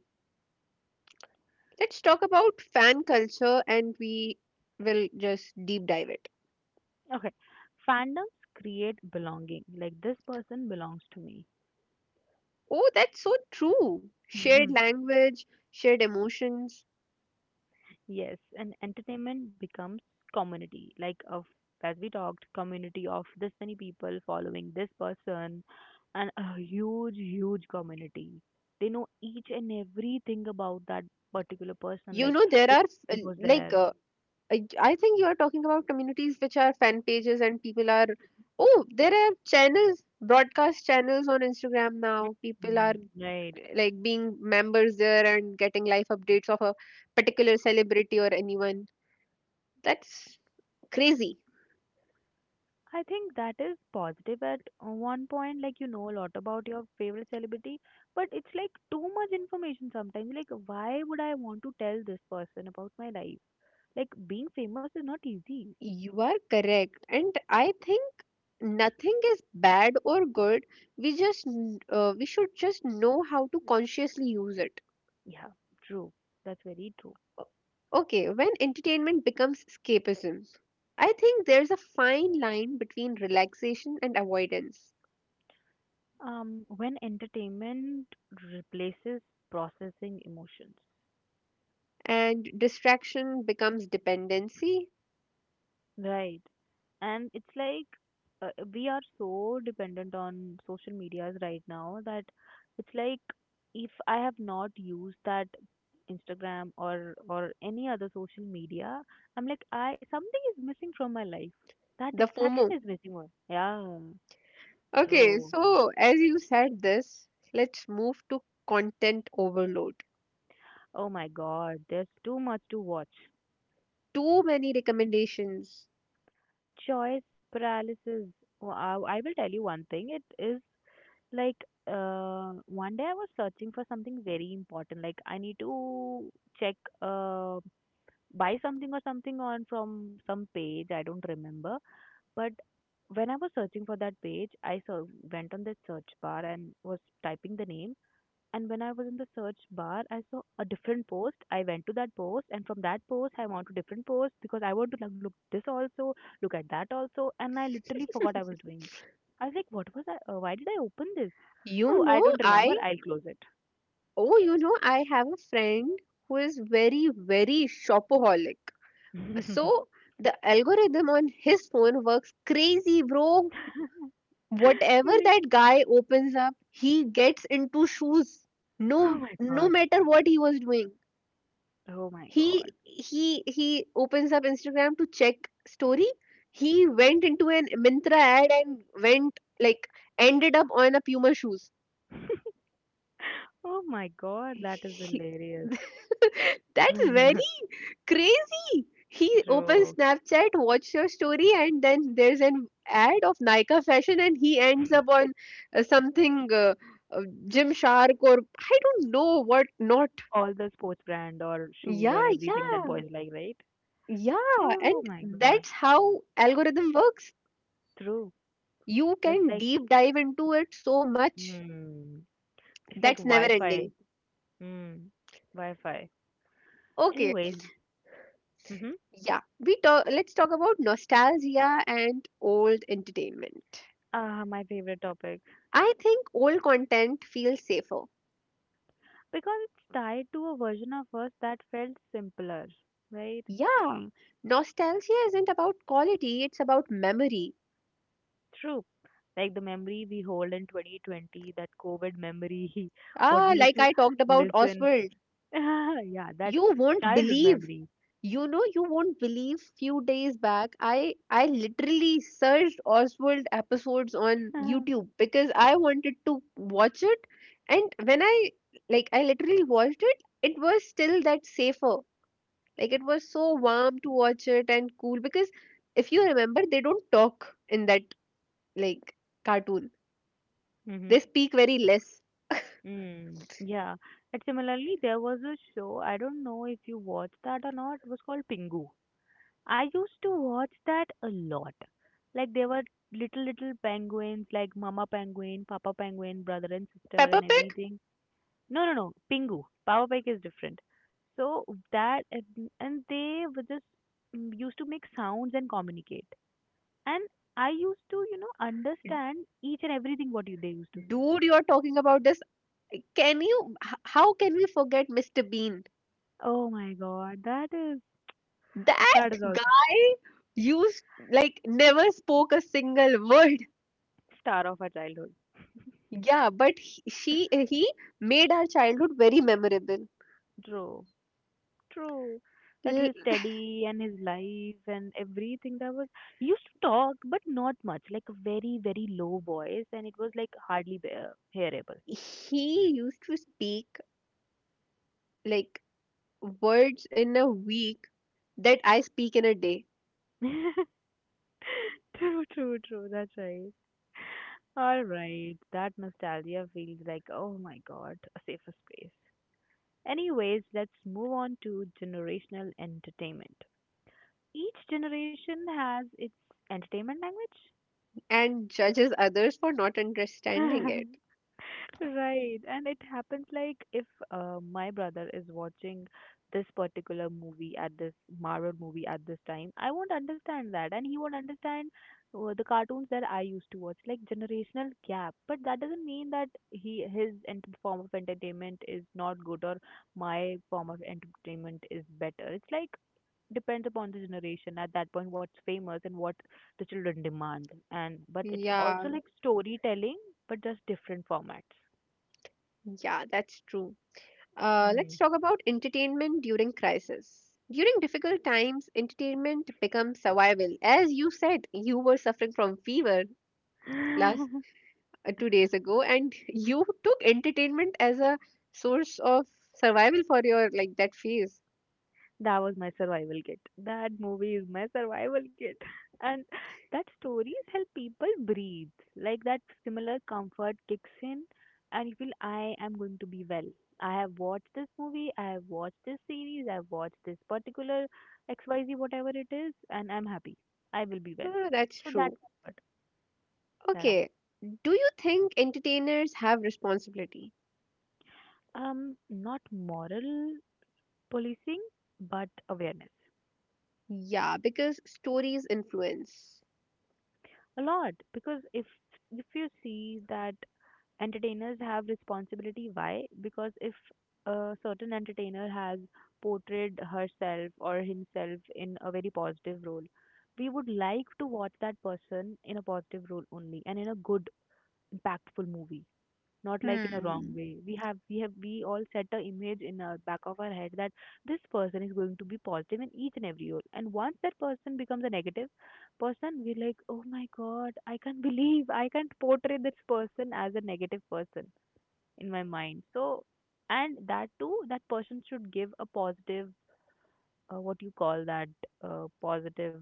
S1: let's talk about fan culture and we will just deep dive it.
S2: Okay. Fandoms create belonging. Like this person belongs to me.
S1: Oh, that's so true, shared language, shared emotions.
S2: Yes, and entertainment becomes community. Like of as we talked, community of this many people following this person, and a huge, huge community. They know each and everything about that particular person.
S1: You
S2: Like
S1: know there
S2: this
S1: are f-
S2: person was
S1: like
S2: there,
S1: uh, I I think you are talking about communities which are fan pages and people are. Oh, there are channels, broadcast channels on Instagram now. People are
S2: Mm, right?
S1: like being members there and getting live updates of a particular celebrity or anyone. That's crazy.
S2: I think that is positive at uh, one point. Like you know a lot about your favorite celebrity, but it's like too much information sometimes. Like why would I want to tell this person about my life? Like being famous is not easy.
S1: You are correct, and I think nothing is bad or good. We just n- uh, we should just know how to consciously use it.
S2: Yeah, true. That's very true.
S1: Okay, when entertainment becomes escapism, I think there's a fine line between relaxation and avoidance,
S2: Um, when entertainment replaces processing emotions,
S1: and distraction becomes dependency,
S2: right? And it's like uh, we are so dependent on social medias right now that it's like if I have not used that Instagram or or any other social media, I'm like I something is missing from my life. That
S1: the
S2: distraction
S1: FOMO.
S2: is missing. One. Yeah,
S1: Okay,
S2: true.
S1: so as you said this, let's move to content overload.
S2: Oh my god, there's too much to watch.
S1: Too many recommendations.
S2: Choice paralysis. Wh- I I will tell you one thing. It is like uh, one day I was searching for something very important. Like I need to check, uh, buy something or something on from some page. I don't remember. But when I was searching for that page, I saw, went on the search bar and was typing the name. And when I was in the search bar, I saw a different post. I went to that post, and from that post, I went to different post because I want to like, look this also, look at that also, and I literally forgot I was doing. I was like, what was I? Uh, why did I open this? Oh,
S1: You
S2: I
S1: know,
S2: don't remember.
S1: I,
S2: I'll close it.
S1: oh, you know, I have a friend who is very, very shopaholic. So the algorithm on his phone works crazy, bro. Whatever
S2: Really?
S1: that guy opens up he gets into shoes. no
S2: Oh my
S1: no
S2: god.
S1: matter what he was doing,
S2: Oh my god.
S1: he he he opens up instagram to check story. He went into an mintra ad and went like ended up on a puma shoes.
S2: Oh my god. That is
S1: He-
S2: hilarious.
S1: that's very crazy! He opens
S2: True.
S1: Snapchat, watch your story, and then there's an ad of Nykaa fashion, and he ends up on uh, something uh, uh, Gymshark or I don't know what not.
S2: All the sports brand or shoes or
S1: Yeah,
S2: everything
S1: yeah,
S2: that boys like, right?
S1: yeah. And
S2: Oh my god.
S1: that's how algorithm works.
S2: True.
S1: You
S2: It's
S1: can
S2: like,
S1: deep dive into it so much.
S2: mm, it's like
S1: That's never
S2: Wi-Fi.
S1: ending.
S2: Mm, Wi-Fi.
S1: Okay,
S2: Anyways, mm-hmm.
S1: yeah. We talk. Let's talk about nostalgia and old entertainment.
S2: Ah, my favorite topic
S1: I think old content feels safer.
S2: because it's tied to a version of us that felt simpler, right?
S1: Yeah, nostalgia isn't about quality, it's about memory.
S2: True. Like the memory we hold in twenty twenty, that COVID memory, what
S1: Ah,
S2: we used
S1: like
S2: to
S1: I talked about
S2: listen.
S1: Oswald.
S2: Yeah, that
S1: You won't
S2: childhood
S1: believe.
S2: memory.
S1: You know, you won't believe few days back I I literally searched Oswald episodes on
S2: mm-hmm.
S1: YouTube because I wanted to watch it. And when I like I literally watched it, it was still that safer. Like it was so warm to watch it and cool, because if you remember they don't talk in that like cartoon. They speak very less.
S2: Mm, yeah. And similarly, there was a show, I don't know if you watched that or not, it was called Pingu. I used to watch that a lot. Like there were little little penguins, like Mama Penguin, Papa Penguin, brother and sister,
S1: Peppa
S2: and
S1: Pig,
S2: everything. No, no, no, Pingu. Papa Pig is different. So that and and they were just mm, used to make sounds and communicate. And I used to, you know, understand each and everything what you, they used to say.
S1: dude, you're talking about this. Can you, h- how can we forget Mister Bean?
S2: Oh my God, that is
S1: That
S2: that is also
S1: guy used, like, never spoke a single word.
S2: star of our childhood.
S1: Yeah, but he- she, he made our childhood very memorable.
S2: True. True. That
S1: L-
S2: his study and his life and everything that was he used to talk, but not much, like a very, very low voice, and it was like hardly bear- hearable.
S1: He used to speak, like, words in a week that I speak in a day.
S2: True, true, true. That's right. All right. That nostalgia feels like, oh my God, a safer space. Anyways, let's move on to generational entertainment. Each generation has its entertainment language.
S1: And judges others for not understanding it.
S2: Right. And it happens like if uh, my brother is watching this particular movie at this Marvel movie at this time, I won't understand that. And he won't understand uh, the cartoons that I used to watch, like generational gap. But that doesn't mean that he his ent form of entertainment is not good or my form of entertainment is better. It's like depends upon the generation at that point what's famous and what the children demand, and but it's
S1: Yeah,
S2: also like storytelling but just different formats.
S1: yeah, that's true. Uh,
S2: Hmm.
S1: let's talk about entertainment during crisis. During difficult times, entertainment becomes survival. As you said, you were suffering from fever last uh, two days ago, and you took entertainment as a source of survival for your like that phase.
S2: That was my survival kit, that movie is my survival kit. And that stories help people breathe, like that similar comfort kicks in, and you feel I am going to be well. I have watched this movie, I have watched this series, I've watched this particular xyz whatever it is, and I'm happy. I will be well.
S1: Ah, that's
S2: So that
S1: true.
S2: comfort that I.
S1: Okay, do you think entertainers have responsibility?
S2: Um, not moral policing, but awareness.
S1: Yeah, because stories influence.
S2: A lot because if if you see that entertainers have responsibility, why? Because if a certain entertainer has portrayed herself or himself in a very positive role, we would like to watch that person in a positive role only and in a good, impactful movie. Not like in a wrong
S1: Hmm.
S2: way. We have we have we all set a image in our back of our head that this person is going to be positive in each and every role. And once that person becomes a negative person, we're like, oh my god, I can't believe I can't portray this person as a negative person in my mind. So and that too, that person should give a positive, uh, what you call that, uh, positive.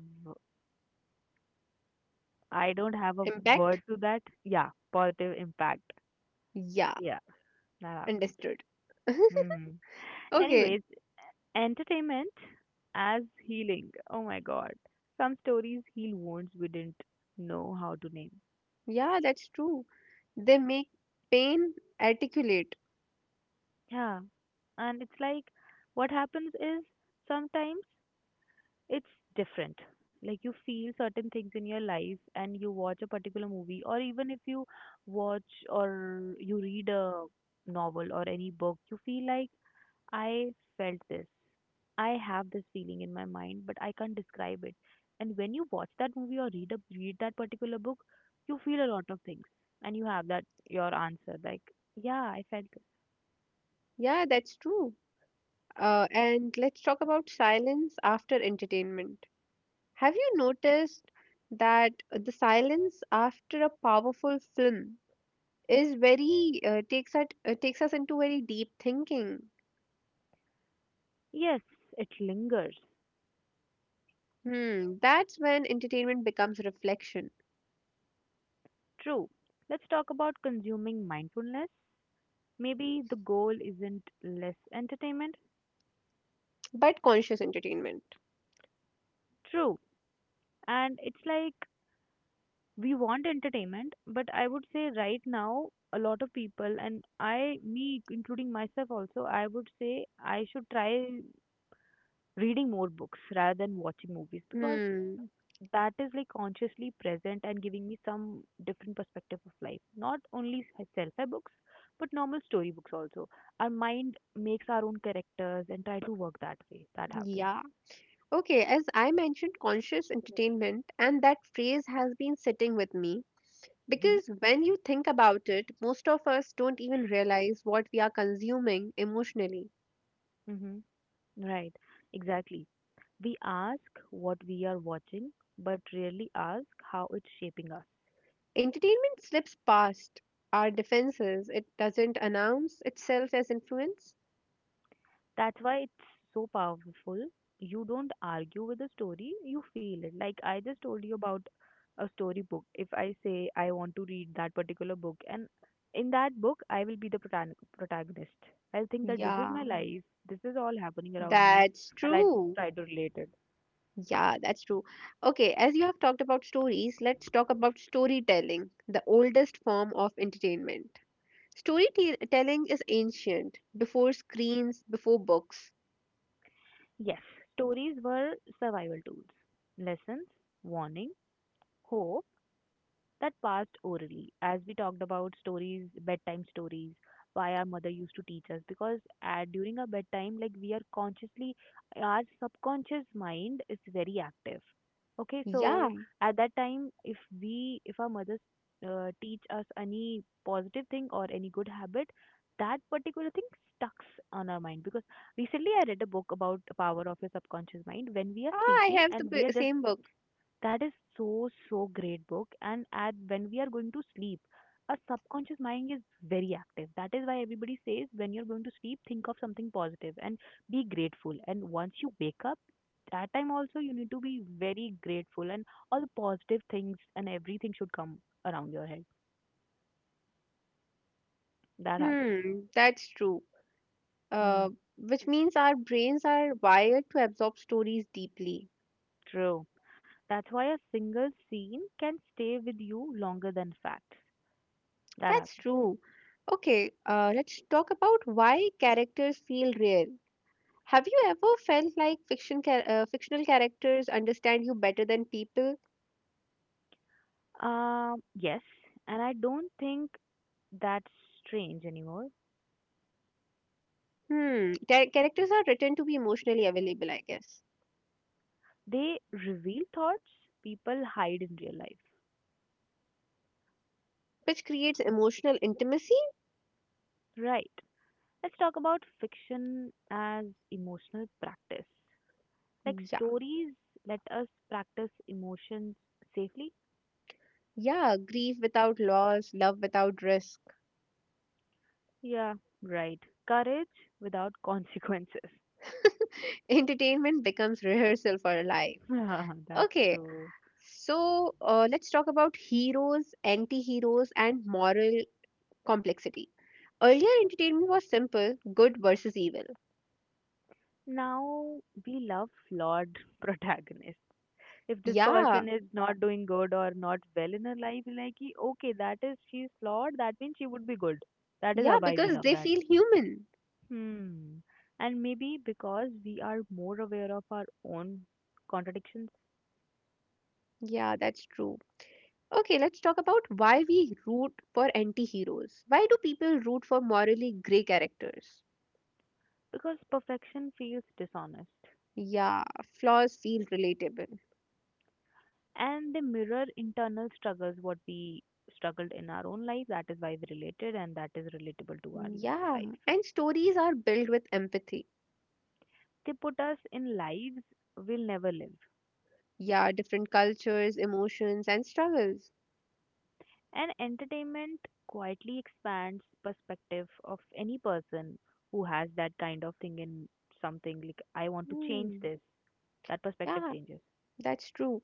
S2: I don't have a
S1: Impact?
S2: word to that. Yeah, positive impact.
S1: Yeah,
S2: Yeah, that happens.
S1: understood.
S2: hmm
S1: Okay,
S2: Anyways, entertainment as healing. Oh my god. Some stories heal wounds we didn't know how to name.
S1: yeah, that's true. They make pain articulate.
S2: Yeah. And it's like what happens is sometimes it's different. Like you feel certain things in your life and you watch a particular movie, or even if you watch or you read a novel or any book, you feel like I felt this. I have this feeling in my mind, but I can't describe it. And when you watch that movie or read a, read that particular book, you feel a lot of things, and you have that your answer like, yeah, I felt this.
S1: Yeah, that's true. Uh, and let's talk about silence after entertainment. Have you noticed that the silence after a powerful film is very uh, takes us uh, takes us into very deep thinking?
S2: Yes, it lingers.
S1: Hmm, that's when entertainment becomes reflection,
S2: True. Let's talk about consuming mindfulness. Maybe the goal isn't less entertainment.
S1: but conscious entertainment.
S2: True. And it's like we want entertainment, but I would say right now, a lot of people, and I, me, including myself also, I would say I should try reading more books rather than watching movies because
S1: Hmm,
S2: that is like consciously present and giving me some different perspective of life. Not only self-help books, but normal story books also. Our mind makes our own characters and try to work that way. That happens.
S1: yeah. Okay, as I mentioned, conscious entertainment, and that phrase has been sitting with me.
S2: Mm-hmm.
S1: Because when you think about it, most of us don't even realize what we are consuming emotionally.
S2: Mm-hmm. Right, exactly. We ask what we are watching, but rarely ask how it's shaping us.
S1: Entertainment slips past our defenses, it doesn't announce itself as influence.
S2: That's why it's so powerful. You don't argue with the story, you feel it. Like I just told you about a storybook. If I say I want to read that particular book, and in that book, I will be the protan- protagonist. I'll think that this is
S1: Yeah.
S2: my life, this is all happening around me,
S1: That's
S2: and I
S1: true.
S2: try to relate it.
S1: Yeah, that's true. Okay, as you have talked about stories, let's talk about storytelling, the oldest form of entertainment. Storytelling is ancient, before screens, before books.
S2: Yes, stories were survival tools, lessons, warning, hope that passed orally, as we talked about stories, bedtime stories, why our mother used to teach us, because at during our bedtime, like we are consciously, our subconscious mind is very active, okay? So
S1: Yeah,
S2: at that time, if we if our mothers uh, teach us any positive thing or any good habit, that particular thing stucks on our mind, because recently I read a book about the power of your subconscious mind, when we are
S1: ah, I
S2: sleeping
S1: have the
S2: and
S1: b-
S2: we are just
S1: same book.
S2: that is so, so great book. And at when we are going to sleep, our subconscious mind is very active. That is why everybody says when you're going to sleep, think of something positive and be grateful. And once you wake up, that time also you need to be very grateful and all the positive things and everything should come around your head. That happens.
S1: Hmm, that's true. Uh,
S2: Mm,
S1: which means our brains are wired to absorb stories deeply.
S2: true. That's why a single scene can stay with you longer than facts. That
S1: That's
S2: happens.
S1: true. Okay, uh, let's talk about why characters feel real. Have you ever felt like fiction char- uh, fictional characters understand you better than people?
S2: Um, yes, and I don't think that's strange anymore.
S1: Hmm, char- characters are written to be emotionally available, I guess,
S2: They reveal thoughts people hide in real life.
S1: which creates emotional intimacy.
S2: Right. Let's talk about fiction as emotional practice. Like
S1: Yeah,
S2: stories let us practice emotions safely.
S1: yeah, grief without loss, love without risk.
S2: Yeah, right. Courage without consequences.
S1: Entertainment becomes rehearsal for life.
S2: That's
S1: Okay,
S2: true.
S1: so uh, let's talk about heroes, anti heroes, and moral complexity. Earlier, entertainment was simple good versus evil.
S2: Now we love flawed protagonists. If this
S1: Yeah,
S2: person is not doing good or not well in her life, like कि okay, that is, she's flawed, that means she would be good, that is how,
S1: yeah,
S2: why we
S1: because
S2: love
S1: they
S2: that.
S1: feel human.
S2: Hmm, and maybe because we are more aware of our own contradictions,
S1: Yeah, that's true. Okay, let's talk about why we root for anti heroes. Why do people root for morally grey characters?
S2: because perfection feels dishonest.
S1: Yeah, flaws feel relatable.
S2: And they mirror internal struggles, what we struggled in our own life, that is why we related, and that is relatable to our
S1: Yeah,
S2: life.
S1: and stories are built with empathy.
S2: They put us in lives we'll never live.
S1: Yeah, different cultures, emotions, and struggles.
S2: And entertainment quietly expands perspective of any person who has that kind of thing in, something like, I want to change
S1: Hmm.
S2: this. That perspective
S1: Yeah,
S2: changes
S1: that's true.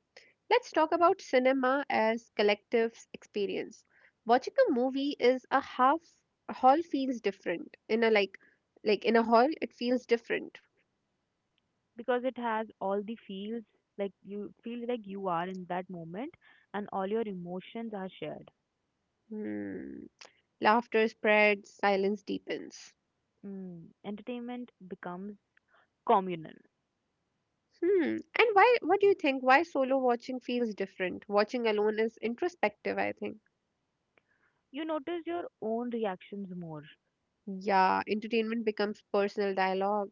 S1: Let's talk about cinema as collective experience. Watching a movie is a half A hall feels different. In a like like in a hall it feels different.
S2: because it has all the feels, like you feel like you are in that moment and all your emotions are shared.
S1: Hmm. Laughter spreads, silence deepens.
S2: Mm. Entertainment becomes communal.
S1: Hmm. And why what do you think, why solo watching feels different? Watching alone is introspective, I think.
S2: You notice your own reactions more,
S1: Yeah, entertainment becomes personal dialogue.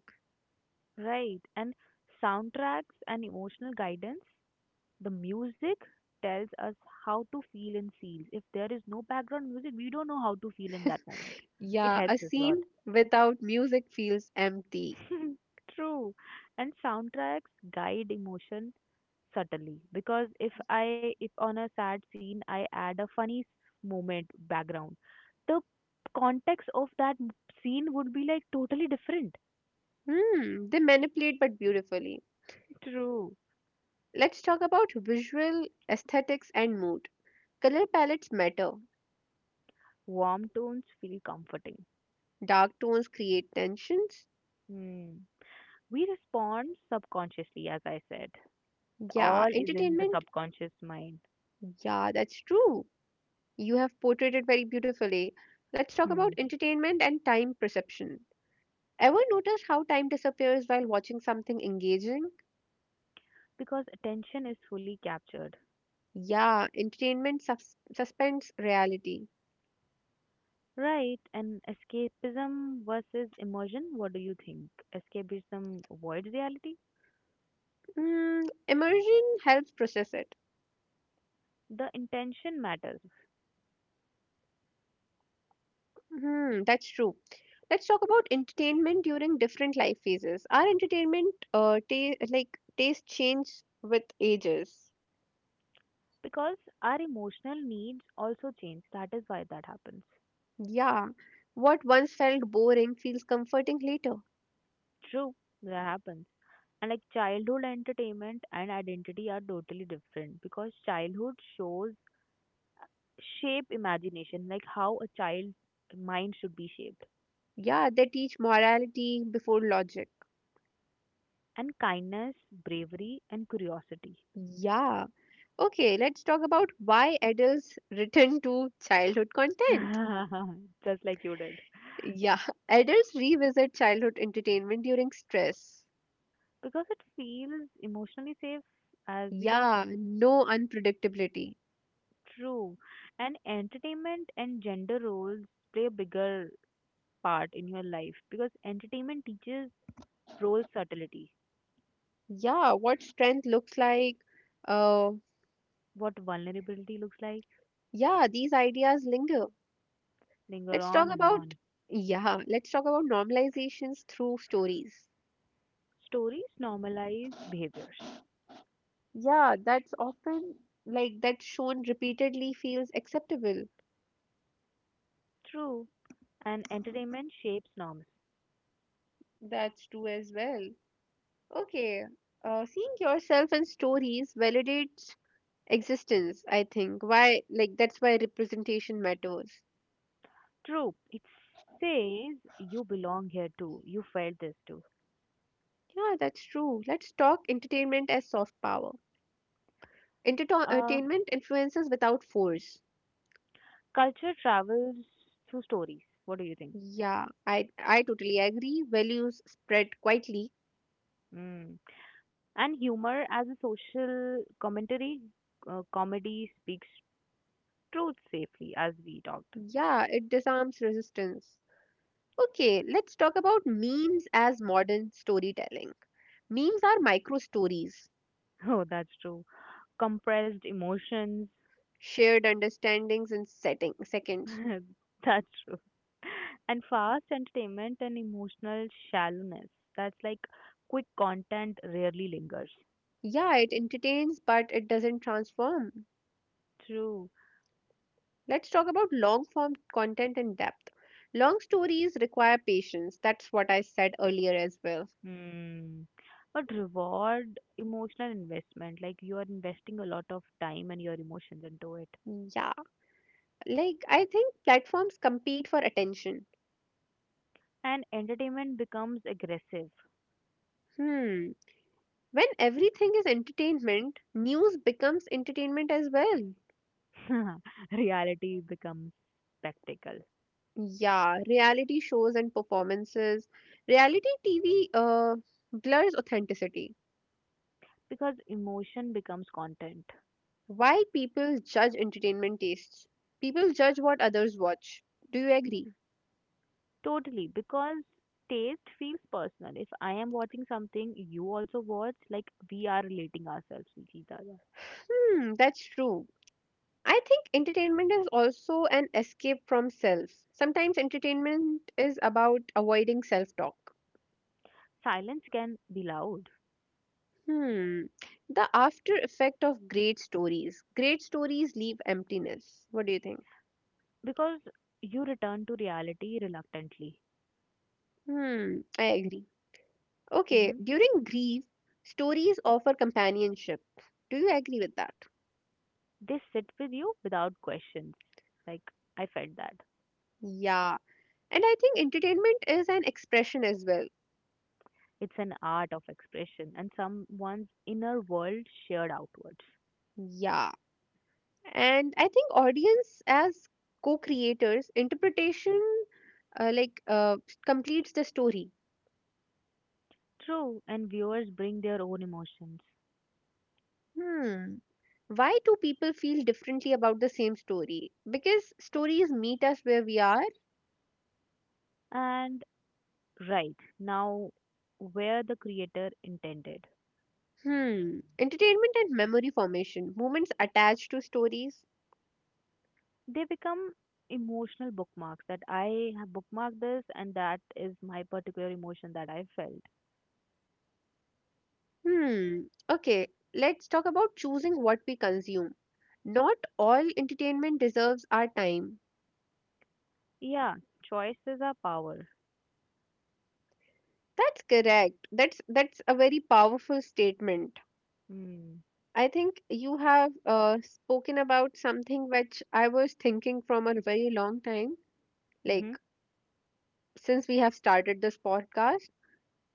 S2: right? And soundtracks and emotional guidance. The music tells us how to feel in scenes. If there is no background music, we don't know how to feel in that moment. It
S1: Yeah, a
S2: helps us a lot.
S1: scene without music feels empty.
S2: True. And soundtracks guide emotion subtly, because if I, if on a sad scene I add a funny s- moment background, the context of that m- scene would be like totally different.
S1: Hmm, they manipulate but beautifully.
S2: True.
S1: Let's talk about visual aesthetics and mood. Color palettes matter.
S2: Warm tones feel comforting.
S1: Dark tones create tensions.
S2: Hmm. We respond subconsciously, as I said.
S1: Yeah,
S2: All is in the
S1: entertainment.
S2: subconscious mind.
S1: Yeah, that's true. You have portrayed it very beautifully. Let's talk
S2: Hmm.
S1: about entertainment and time perception. Ever notice how time disappears while watching something engaging?
S2: Because attention is fully captured.
S1: Yeah, entertainment sus- suspends reality.
S2: Right, and escapism versus immersion, what do you think? Escapism avoids reality?
S1: Mm, immersion helps process it.
S2: The intention matters
S1: Hmm, that's true. Let's talk about entertainment during different life phases. Our entertainment uh, ta- like taste change with ages.
S2: because our emotional needs also change. That is why that happens.
S1: Yeah, what once felt boring feels comforting later.
S2: True, that happens. And like childhood entertainment and identity are totally different, because childhood shows shape imagination, like how a child's mind should be shaped.
S1: Yeah, they teach morality before logic.
S2: And kindness, bravery, and curiosity.
S1: Yeah. Okay, let's talk about why adults return to childhood content.
S2: Just like you did.
S1: Yeah, adults revisit childhood entertainment during stress.
S2: Because it feels emotionally safe, as we talked,
S1: Yeah, no unpredictability.
S2: true. And entertainment and gender roles play a bigger part in your life, because entertainment teaches role subtlety,
S1: Yeah, what strength looks like. Uh,
S2: what vulnerability looks like,
S1: yeah, these ideas linger.
S2: linger
S1: Let's
S2: on
S1: talk
S2: and
S1: about,
S2: on.
S1: yeah, let's talk about normalizations through stories.
S2: Stories normalize behaviors,
S1: Yeah, that's often like that's shown repeatedly feels acceptable.
S2: true. And entertainment shapes norms,
S1: That's true as well. Okay, uh, seeing yourself in stories validates existence, I think. Why, like, that's why representation matters.
S2: true. It says you belong here too, you felt this too.
S1: Yeah, that's true. Let's talk entertainment as soft power. Enterto-
S2: Uh,
S1: entertainment influences without force.
S2: Culture travels through stories. What do you think?
S1: Yeah, I I totally agree. Values spread quietly.
S2: Mm. And humor as a social commentary, uh, comedy speaks truth safely, as we talked.
S1: Yeah, it disarms resistance. Okay, let's talk about memes as modern storytelling. Memes are micro stories,
S2: Oh, that's true. Compressed emotions.
S1: shared understandings in setting seconds.
S2: That's true. And fast entertainment and emotional shallowness. That's like, quick content rarely lingers.
S1: Yeah, it entertains but it doesn't transform.
S2: True.
S1: Let's talk about long form content and depth. Long stories require patience. That's what I said earlier as well.
S2: Hmm. But reward emotional investment, like you are investing a lot of time and your emotions into it.
S1: Yeah. Like, I think platforms compete for attention.
S2: And entertainment becomes aggressive.
S1: Hmm. When everything is entertainment, news becomes entertainment as well.
S2: Reality becomes spectacle.
S1: Yeah, reality shows and performances. Reality T V uh, blurs authenticity.
S2: Because emotion becomes content.
S1: Why people judge entertainment tastes? People judge what others watch. Do you agree?
S2: Totally. Because taste feels personal. If I am watching something you also watch, like we are relating ourselves with each other.
S1: Hmm, that's true. I think entertainment is also an escape from self. Sometimes entertainment is about avoiding self talk.
S2: Silence can be loud
S1: Hmm. The after effect of great stories. Great stories leave emptiness. What do you think?
S2: because you return to reality reluctantly.
S1: Hmm. I agree. Okay.
S2: Mm-hmm.
S1: During grief, stories offer companionship. Do you agree with that?
S2: They sit with you without questions. Like, I felt that.
S1: Yeah. And I think entertainment is an expression as well.
S2: It's an art of expression, and someone's inner world shared outwards.
S1: Yeah. And I think audience as co-creators, interpretation uh, like uh, completes the story.
S2: True, and viewers bring their own emotions.
S1: Hmm. Why do people feel differently about the same story? Because stories meet us where we are.
S2: And right, now where the creator intended.
S1: Hmm. Entertainment and memory formation. Moments attached to stories.
S2: They become emotional bookmarks, that I have bookmarked this and that is my particular emotion that I felt.
S1: Hmm. Okay, let's talk about choosing what we consume. Not all entertainment deserves our time.
S2: Yeah, choices are power.
S1: That's correct. That's that's a very powerful statement.
S2: Mm.
S1: I think you have uh, spoken about something which I was thinking from a very long time,
S2: Mm-hmm.
S1: like since we have started this podcast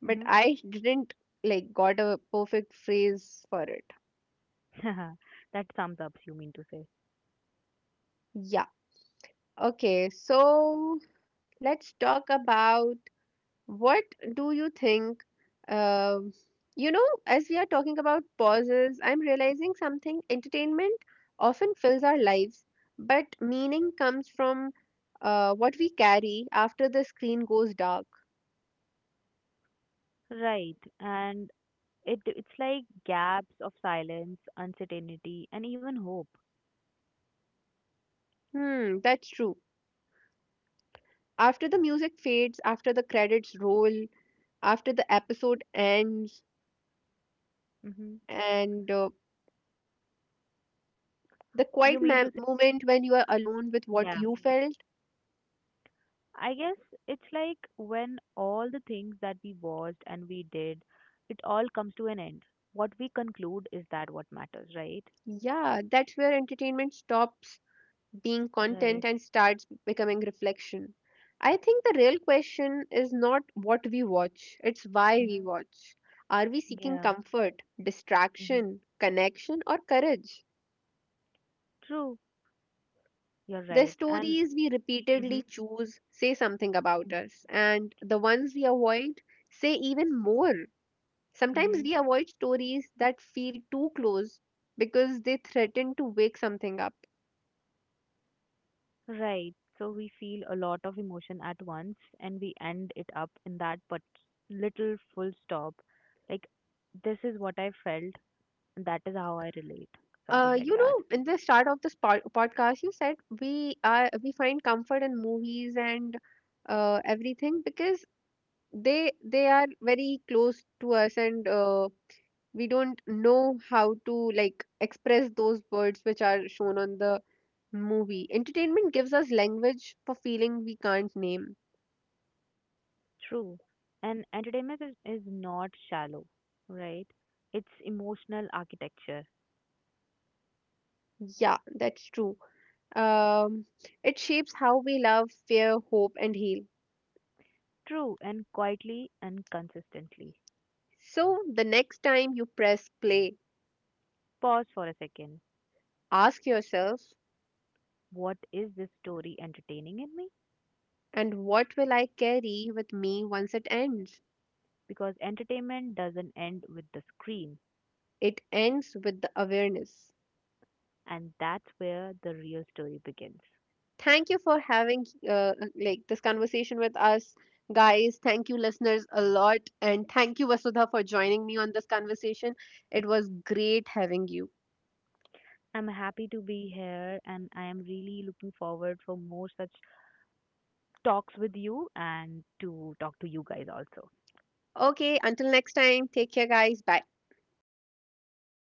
S1: but
S2: Mm-hmm.
S1: I didn't like got a perfect phrase for it.
S2: That sums up, you mean to say.
S1: Yeah. Okay. So let's talk about what do you think? Um, you know, as we are talking about pauses, I'm realizing something. Entertainment often fills our lives, but meaning comes from uh, what we carry after the screen goes dark.
S2: Right, and it it's like gaps of silence, uncertainty, and even hope.
S1: Hmm, that's true. After the music fades, after the credits roll, after the episode ends,
S2: Hmm.
S1: and uh, the
S2: You
S1: quiet
S2: mean to say,
S1: mom- moment when you are alone with
S2: yeah.
S1: what you felt.
S2: I guess it's like when all the things that we watched and we did, it all comes to an end. What we conclude is that what matters, right?
S1: Yeah, that's where entertainment stops being
S2: Right.
S1: content and starts becoming reflection. I think the real question is not what we watch, it's why we
S2: Hmm.
S1: watch. Are we seeking
S2: Yeah.
S1: comfort,
S2: Hmm.
S1: distraction, connection, or courage?
S2: True. You're
S1: The
S2: right. And
S1: stories we repeatedly
S2: hmm,
S1: choose say something about us, and the ones we avoid say even more. Sometimes
S2: hmm.
S1: we avoid stories that feel too close because they threaten to wake something up.
S2: Right. So we feel a lot of emotion at once and we end it up in that, but little full stop. Like, this is what I felt and that is how I relate. Something
S1: Uh,
S2: like
S1: you
S2: that.
S1: know, in the start of this pod- podcast, you said we are we find comfort in movies and uh, everything because they they are very close to us and uh, we don't know how to like express those words which are shown on the movie. Entertainment gives us language for feeling we can't name.
S2: True. And entertainment is, is not shallow, right? It's emotional architecture.
S1: Yeah, that's true. Um, it shapes how we love, fear, hope, and heal.
S2: True, and quietly and consistently.
S1: So the next time you press play,
S2: Pause for a second.
S1: ask yourself,
S2: What is this story entertaining in me?
S1: and what will I carry with me once it ends?
S2: Because entertainment doesn't end with the screen.
S1: It ends with the awareness.
S2: And that's where the real story begins.
S1: Thank you for having uh, like this conversation with us, guys. Thank you, listeners, a lot, and thank you, Vasudha, for joining me on this conversation. It was great having you.
S2: I'm happy to be here and I am really looking forward for more such talks with you and to talk to you guys also.
S1: Okay, until next time, take care, guys. Bye.